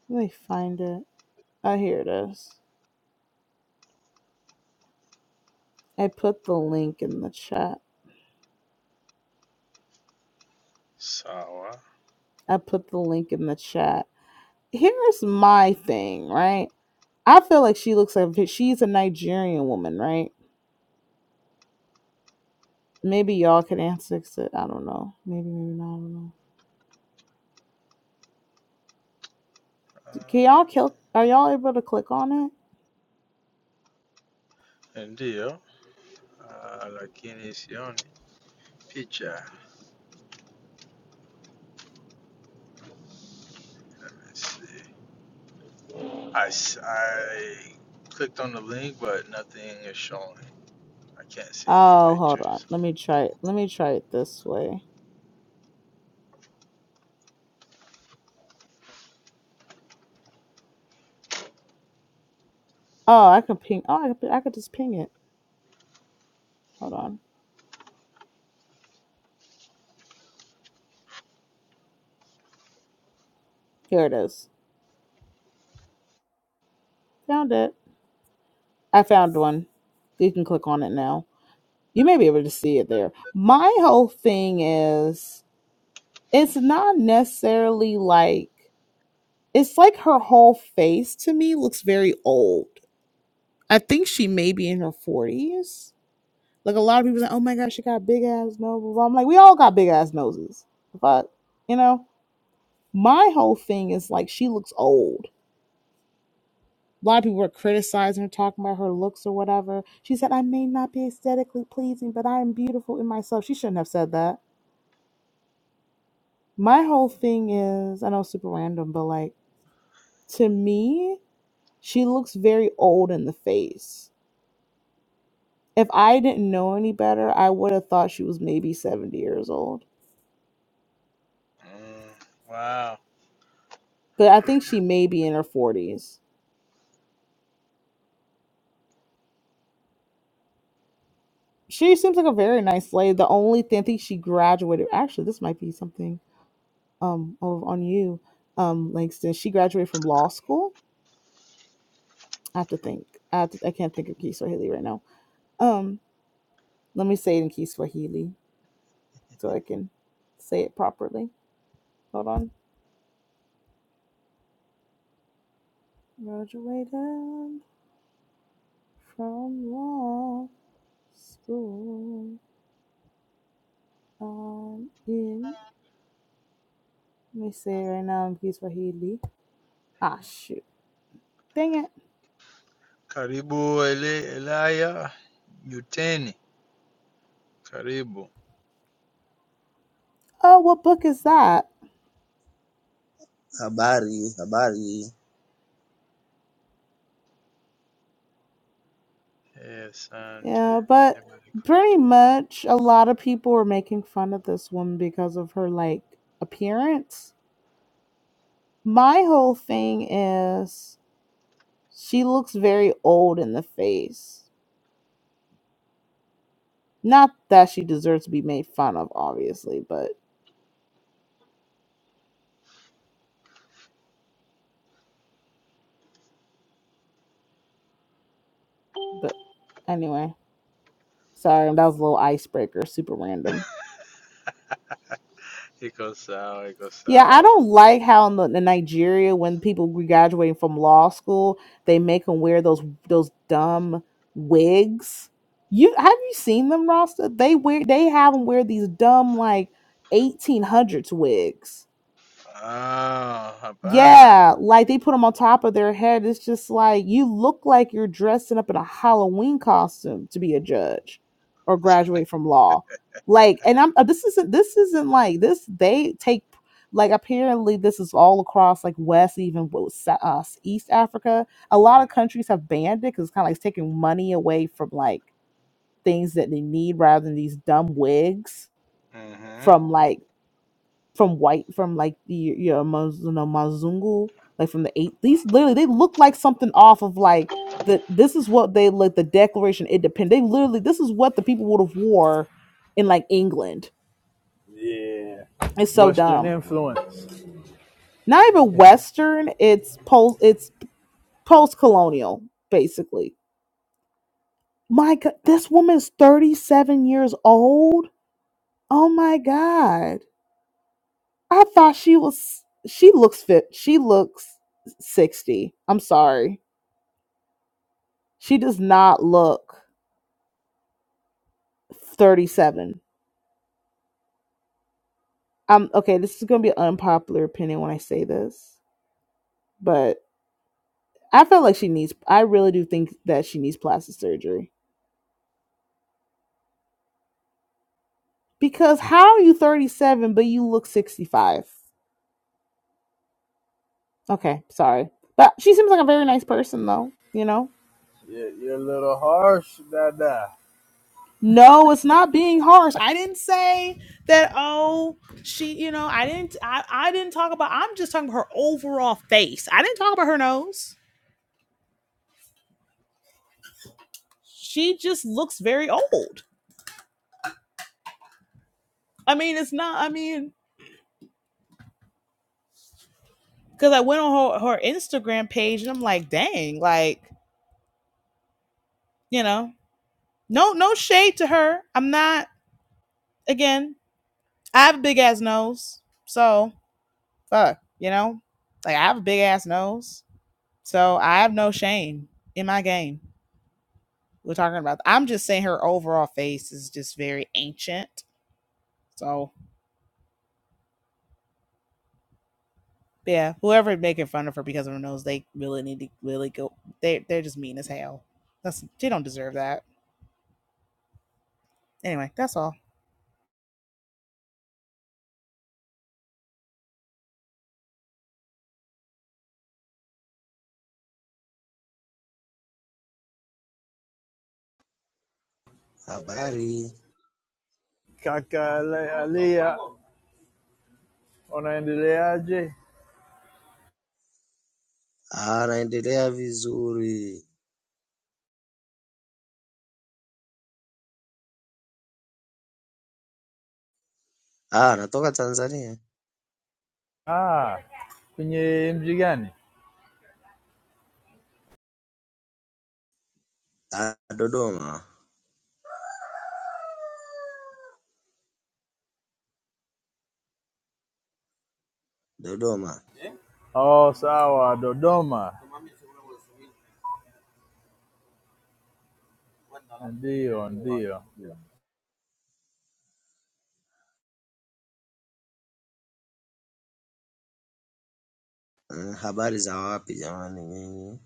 Speaker 3: Let me find it. Oh, here it is. I put the link in the chat.
Speaker 5: Sawa,
Speaker 3: I put the link in the chat. Here's my thing, right? I feel like she looks like she's a Nigerian woman, right? Maybe y'all can answer it. I don't know. Maybe, maybe not. I don't know. Can
Speaker 5: Ah,
Speaker 3: y'all kill? Are y'all able to click on it?
Speaker 5: ndiyo, Ah, lakini sioni picha. Let's see. I, s- I clicked on the link, but nothing is showing. I can't see any
Speaker 3: Oh, hold on.
Speaker 5: pictures.
Speaker 3: Let me try it. Let me try it this way. Oh, I can ping. Oh, I could, I could just ping it. Hold on. Here it is. Found it. I found one. You can click on it now. You may be able to see it there. My whole thing is it's not necessarily like it's like her whole face to me looks very old. I think she may be in her 40s Like a lot of people say, "Oh my gosh, she got big ass nose." I'm like, we all got big ass noses, but you know, my whole thing is like she looks old. A lot of people were criticizing her, talking about her looks or whatever. She said, "I may not be aesthetically pleasing, but I am beautiful in myself." She shouldn't have said that. My whole thing is, I know, it's super random, but like to me, she looks very old in the face. If I didn't know any better, I would have thought she was maybe seventy years old,
Speaker 5: Mm, wow.
Speaker 3: but I think she may be in her forties she seems like a very nice lady. The only thing I think she graduated actually this might be something um of on you, um, Langston. She graduated from law school. I have to think. I have to, I can't think of Key Swahili right now. Um, let me say it in Key Swahili so I can say it properly. Hold on. Graduated from law school. Um in let me say it right now in Key Swahili. Ah shoot. Dang it.
Speaker 5: Karibu ele, Elaya Yuteni. Karibu.
Speaker 3: Oh, what book is that?
Speaker 6: Habari, habari,
Speaker 5: Eh, Asante.
Speaker 3: Yeah, but pretty much a lot of people were making fun of this woman because of her like appearance. My whole thing is she looks very old in the face. Not that she deserves to be made fun of, obviously, but but anyway. Sorry, that was a little icebreaker, super random.
Speaker 5: Iko sawa, iko
Speaker 3: Yeah, I
Speaker 5: sawa.
Speaker 3: don't like how in, the, in Nigeria, when people graduating from law school, they make them wear those those dumb wigs. You have you seen them, Rasta? They wear they have them wear these dumb like eighteen hundreds wigs.
Speaker 5: Ah, hapana.
Speaker 3: Yeah, like they put them on top of their head. It's just like you look like you're dressing up in a Halloween costume to be a judge or graduate from law. Like, and I'm uh, this isn't this isn't like this. They take like apparently this is all across like West, even wo- Sa- uh, East Africa. A lot of countries have banned it because it's kind of like it's taking money away from like things that they need rather than these dumb wigs
Speaker 5: Mhm.
Speaker 3: from like from white from like the you know, Maz, you know Mazungu, like from the eight. These literally they look like something off of like the this is what they like the Declaration of Independence. They literally this is what the people would have wore in like England.
Speaker 5: Yeah.
Speaker 3: It's so
Speaker 5: Western
Speaker 3: dumb.
Speaker 5: influence.
Speaker 3: Not even Western. It's post. It's post colonial basically. My God, this woman's thirty seven years old. Oh my God, I thought she was. She looks fit. She looks sixty. I'm sorry She does not look 37. Um, okay, this is gonna be an unpopular opinion when I say this, but I feel like she needs I really do think that she needs plastic surgery. Because how are you 37 but you look 65? Okay, sorry. But she seems like a very nice person though, you know?
Speaker 5: Yeah, you're a little harsh, dada.
Speaker 3: No, it's not being harsh. I didn't say that oh she you know, I didn't I, I didn't talk about I'm just talking about her overall face. I didn't talk about her nose. She just looks very old. I mean, it's not. I mean, because I went on her, her Instagram page and I'm like, dang, like you know, no, no shade to her. I'm not. Again, I have a big ass nose, so fuck, you know, like I have a big ass nose, so I have no shame in my game. We're talking about. I'm just saying her overall face is just very ancient. So yeah, whoever making fun of her because of her nose, they really need to really go. They they're just mean as hell. That's they don't deserve that. Anyway, that's all.
Speaker 6: habari.
Speaker 5: Kaka Ale- Alia, unaendeleaje?
Speaker 6: Ah, naendelea vizuri. Ah, natoka Tanzania.
Speaker 5: Ah, kwenye mji gani?
Speaker 6: Ah, Dodoma, Dodoma.
Speaker 5: Oh, sawa, Dodoma. Ndio, ndio.
Speaker 6: Mm, habari za wapi jamani nyinyi?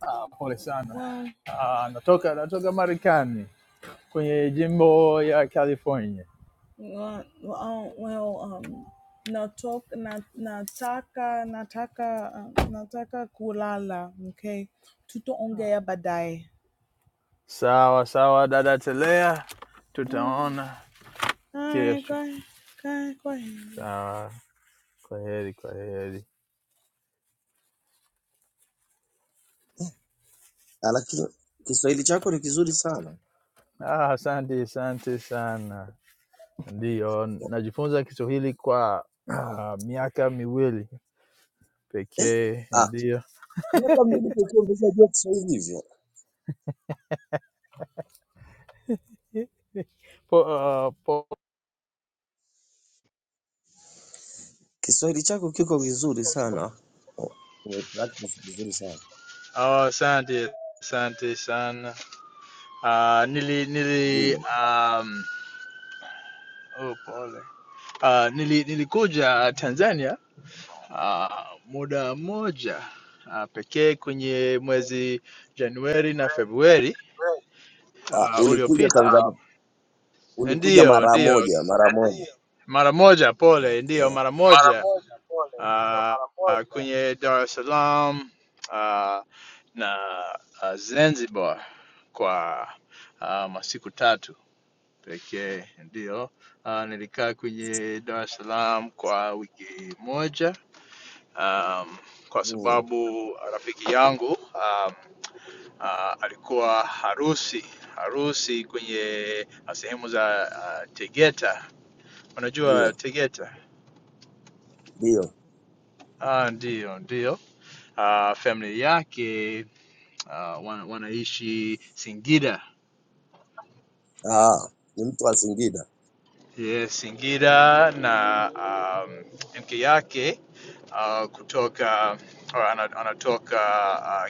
Speaker 5: Ah, pole sana.
Speaker 3: Well,
Speaker 5: Ah, natoka natoka Marekani kwenye jimbo ya California.
Speaker 3: Well, well, well, um, natoka, na- nataka, nataka, um, nataka kulala. Okay, tutaongea baadaye.
Speaker 5: Sawa sawa, dada Telea,
Speaker 3: All right,
Speaker 5: tutaona
Speaker 3: all right, go
Speaker 5: kesho.
Speaker 3: ahead, go ahead, go ahead.
Speaker 5: Sawa, kwa heri, kwa heri.
Speaker 6: Ah, lakini Kiswahili chako ni kizuri sana.
Speaker 5: Ah, asante asante sana. Ndiyo, najifunza Kiswahili kwa ah, miaka miwili
Speaker 6: Eh?
Speaker 5: pekee.
Speaker 6: Ah,
Speaker 5: Ndiyo
Speaker 6: miaka miwili pekee umeshajua Kiswahili hivyo.
Speaker 5: po, ah, po.
Speaker 6: Kiswahili chako kiko vizuri sana. Oh, umepractice vizuri sana.
Speaker 5: Ah, asante asante sana. Ah, uh, nili nili
Speaker 6: Ndio.
Speaker 5: um, oh, pole. Ah, nili, nilikuja Tanzania ah, muda mmoja ah, pekee kwenye mwezi Januari na Februari
Speaker 6: Ah,
Speaker 5: ah,
Speaker 6: ulikuja
Speaker 5: uliopita.
Speaker 6: Tanzania. Ulikuja
Speaker 5: Ndiyo,
Speaker 6: mara
Speaker 5: ndiyo,
Speaker 6: moja, mara moja.
Speaker 5: mara moja, pole, ndiyo,
Speaker 6: Okay.
Speaker 5: mara
Speaker 6: mara
Speaker 5: moja
Speaker 6: moja pole, sio
Speaker 5: ah,
Speaker 6: mara
Speaker 5: ah,
Speaker 6: moja.
Speaker 5: kwenye Dar es Salaam ah, na ah, Zanzibar kwa ah, masiku tatu pekee, ndiyo. Ah, nilikaa kwenye Dar es Salaam kwa wiki moja um, kwa
Speaker 6: Mm,
Speaker 5: sababu rafiki yangu ah, uh, alikuwa harusi harusi kwenye ah, sehemu za uh, Tegeta. Unajua
Speaker 6: Ndio,
Speaker 5: Tegeta?
Speaker 6: ndio.
Speaker 5: Ah, ndio ndio. Uh, family yake uh, wana, wanaishi Singida
Speaker 6: Ah, ni mtu wa Singida.
Speaker 5: yes, Singida na um, mke yake uh, kutoka or ana- anatoka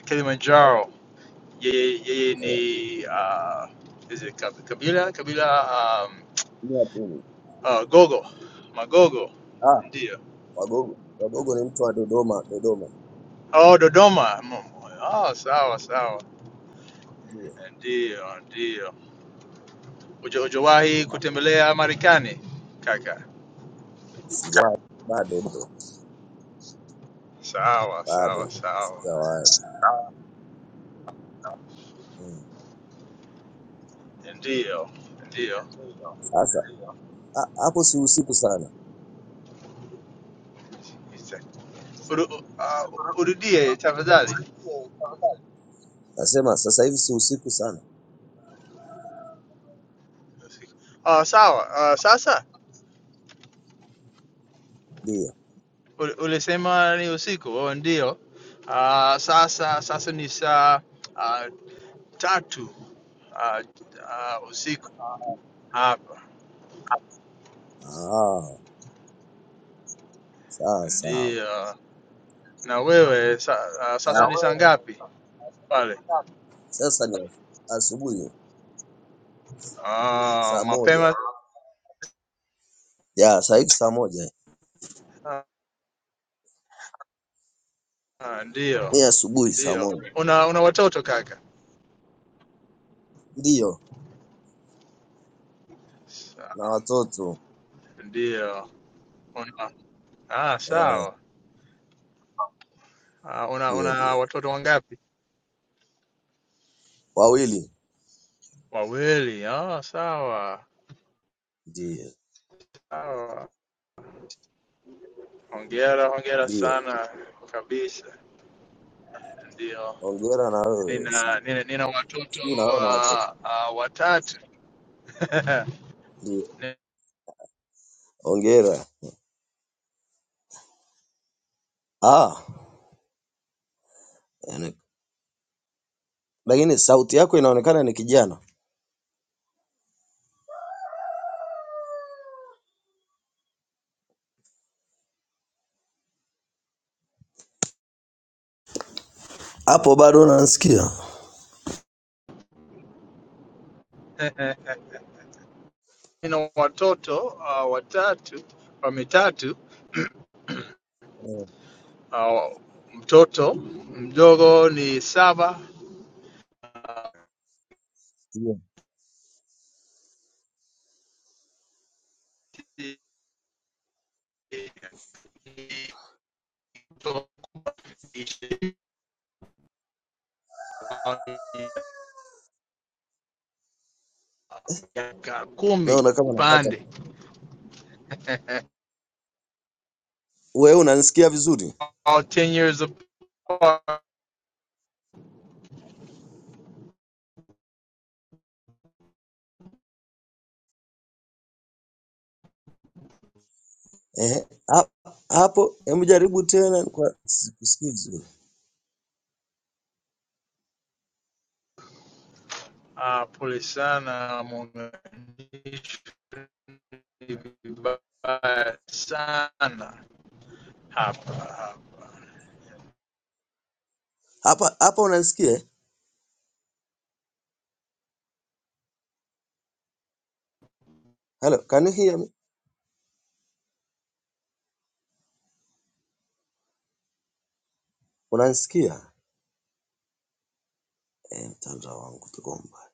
Speaker 5: uh, Kilimanjaro. Yeye yeye
Speaker 6: Eh,
Speaker 5: ni uh, is it Kab- Kabila Kabila um,
Speaker 6: ni wa Puni.
Speaker 5: uh, Gogo Magogo
Speaker 6: Ah,
Speaker 5: ndio
Speaker 6: Wagogo. Wagogo ni mtu wa Dodoma, Dodoma.
Speaker 5: Oh, Dodoma. Mm, Oh, sawa sawa,
Speaker 6: Ndio.
Speaker 5: ndio ndio. Uja- Ujawahi
Speaker 6: Ah,
Speaker 5: kutembelea Marekani kaka?
Speaker 6: Sija sijawahi. Bado bro.
Speaker 5: Sawa sawa
Speaker 6: Bado.
Speaker 5: sawa,
Speaker 6: Sijawahi. Mm.
Speaker 5: ndio ndio.
Speaker 6: ndio Sasa ndio. ah, hapo si usiku sana.
Speaker 5: Uru-
Speaker 6: Ru-
Speaker 5: uh, Urudie tafadhali.
Speaker 6: Turudie tafadhali. Nasema sasa hivi si usiku sana.
Speaker 5: Uh, sawa. Uh, sasa
Speaker 6: Ndio.
Speaker 5: ul- ulisema ni usiku. Oh, ndio. Uh, sasa sasa ni saa uh, tatu uh, uh, usiku hapa,
Speaker 6: Ah, sawa sawa.
Speaker 5: ndio
Speaker 6: Ndio.
Speaker 5: na wewe sa, uh,
Speaker 6: Ah,
Speaker 5: sasa
Speaker 6: Na
Speaker 5: ni
Speaker 6: wewe
Speaker 5: saa ngapi pale?
Speaker 6: Sasa ni asubuhi
Speaker 5: Ah,
Speaker 6: saa moja.
Speaker 5: mapema.
Speaker 6: Ya, saa hivi saa moja.
Speaker 5: Ah, ndio
Speaker 6: Ni asubuhi saa
Speaker 5: ndio.
Speaker 6: moja.
Speaker 5: Una una watoto kaka?
Speaker 6: Ndiyo,
Speaker 5: Sa-
Speaker 6: na watoto.
Speaker 5: Ndio. Una ah,
Speaker 6: Eh,
Speaker 5: sawa. Ah, una
Speaker 6: ndiyo,
Speaker 5: una
Speaker 6: ndiyo.
Speaker 5: watoto wangapi?
Speaker 6: Wawili.
Speaker 5: Wawili. Ah, sawa
Speaker 6: Ndiyo.
Speaker 5: sawa. Hongera, hongera
Speaker 6: Ndiyo.
Speaker 5: sana kabisa. Ndio,
Speaker 6: Hongera na wewe.
Speaker 5: nina
Speaker 6: Sijui
Speaker 5: nina, nina watoto
Speaker 6: sijui na wewe na watoto.
Speaker 5: uh, uh, watatu
Speaker 6: Ndiyo. Hongera. Ah, yani- lakini sauti yako inaonekana ni kijana. Hapo bado unanisikia?
Speaker 5: Nina watoto uh, watatu wa mitatu
Speaker 6: Eh,
Speaker 5: uh, mtoto mdogo ni saba
Speaker 6: Ndiyo.
Speaker 5: ni- ni mtoto ishirini, wao ni miaka kumi
Speaker 6: Naona kama napata.
Speaker 5: upande
Speaker 6: Wewe unanisikia vizuri?
Speaker 5: all 10 years apart.
Speaker 6: Eh, ha- hapo hebu jaribu tena kwa sikusikii vizuri.
Speaker 5: Uh, pole sana muunganisho ni vibaya sana hapa hapa.
Speaker 6: Hapa hapa unanisikia? eh? Hello, can you hear me? Unanisikia? Eh, mtandao wangu tuko mbali.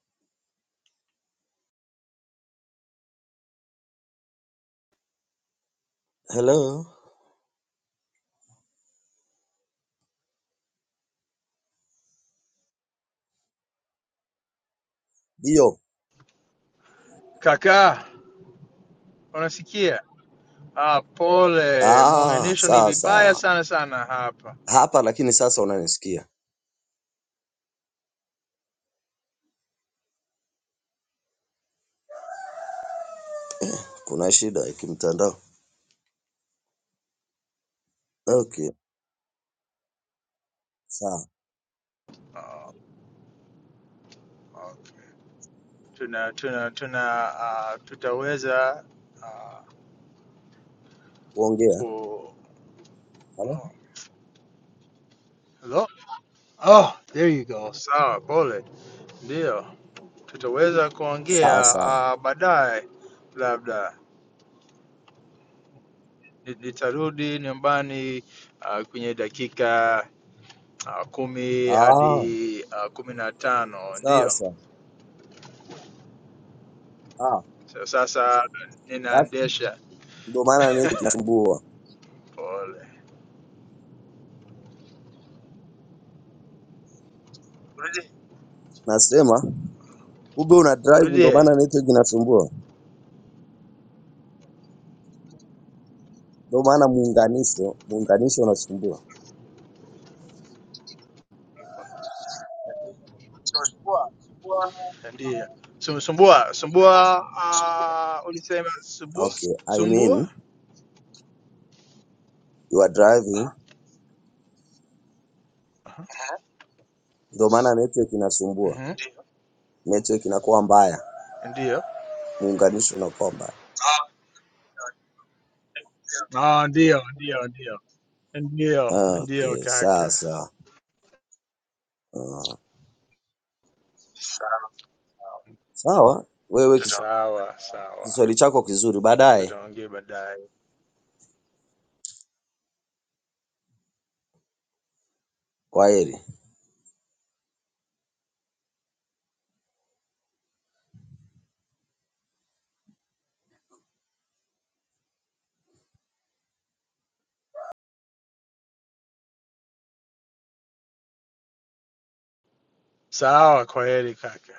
Speaker 6: Hello. Ndio.
Speaker 5: Kaka, unasikia? Ah, pole,
Speaker 6: Ah,
Speaker 5: muunganisho ni
Speaker 6: sawa
Speaker 5: vibaya
Speaker 6: sawa.
Speaker 5: sana sana hapa.
Speaker 6: Hapa lakini sasa unanisikia. Kuna shida ya kimtandao. Okay, sawa.
Speaker 5: Ah, okay. Tuna tuna tuna ah, tutaweza ah,
Speaker 6: Ongea.
Speaker 5: ku
Speaker 6: Hello?
Speaker 5: oh. Hello? Oh, there you go. Sawa, pole. Ndio. Tutaweza kuongea
Speaker 6: Sawa sawa.
Speaker 5: ah, baadaye labda. Ni- Nitarudi nyumbani ah, kwenye dakika ah, kumi
Speaker 6: Ah,
Speaker 5: hadi ah, kumi na tano.
Speaker 6: sawa
Speaker 5: Ndio.
Speaker 6: sawa. Ah,
Speaker 5: So, sasa
Speaker 6: that's-
Speaker 5: ninaendesha.
Speaker 6: ndio maana network inasumbua.
Speaker 5: Pole.
Speaker 6: Nasema kumbe una drive ndio maana
Speaker 5: urudie
Speaker 6: network inasumbua. Ndio maana muunganisho, muunganisho unasumbua.
Speaker 5: ndio
Speaker 6: Unasumbua.
Speaker 5: Su- sumbua sumbua uh, ulisema sumbua
Speaker 6: Okay, I mean
Speaker 5: sumbua
Speaker 6: you are driving,
Speaker 5: Aha.
Speaker 6: ndio maana network inasumbua,
Speaker 5: mm-hmm.
Speaker 6: network inakuwa mbaya,
Speaker 5: ndio
Speaker 6: muunganisho unakuwa mbaya.
Speaker 5: Ah, ndio ndio ndio ndio
Speaker 6: Ah,
Speaker 5: ndio
Speaker 6: Okay, sawa
Speaker 5: kaka
Speaker 6: sawa. Ah, Sawa, wewe kis-
Speaker 5: sawa sawa
Speaker 6: kiswali chako kizuri, baadaye.
Speaker 5: tutaongea baadaye
Speaker 6: Kwaheri.
Speaker 5: sawa kwa heri kaka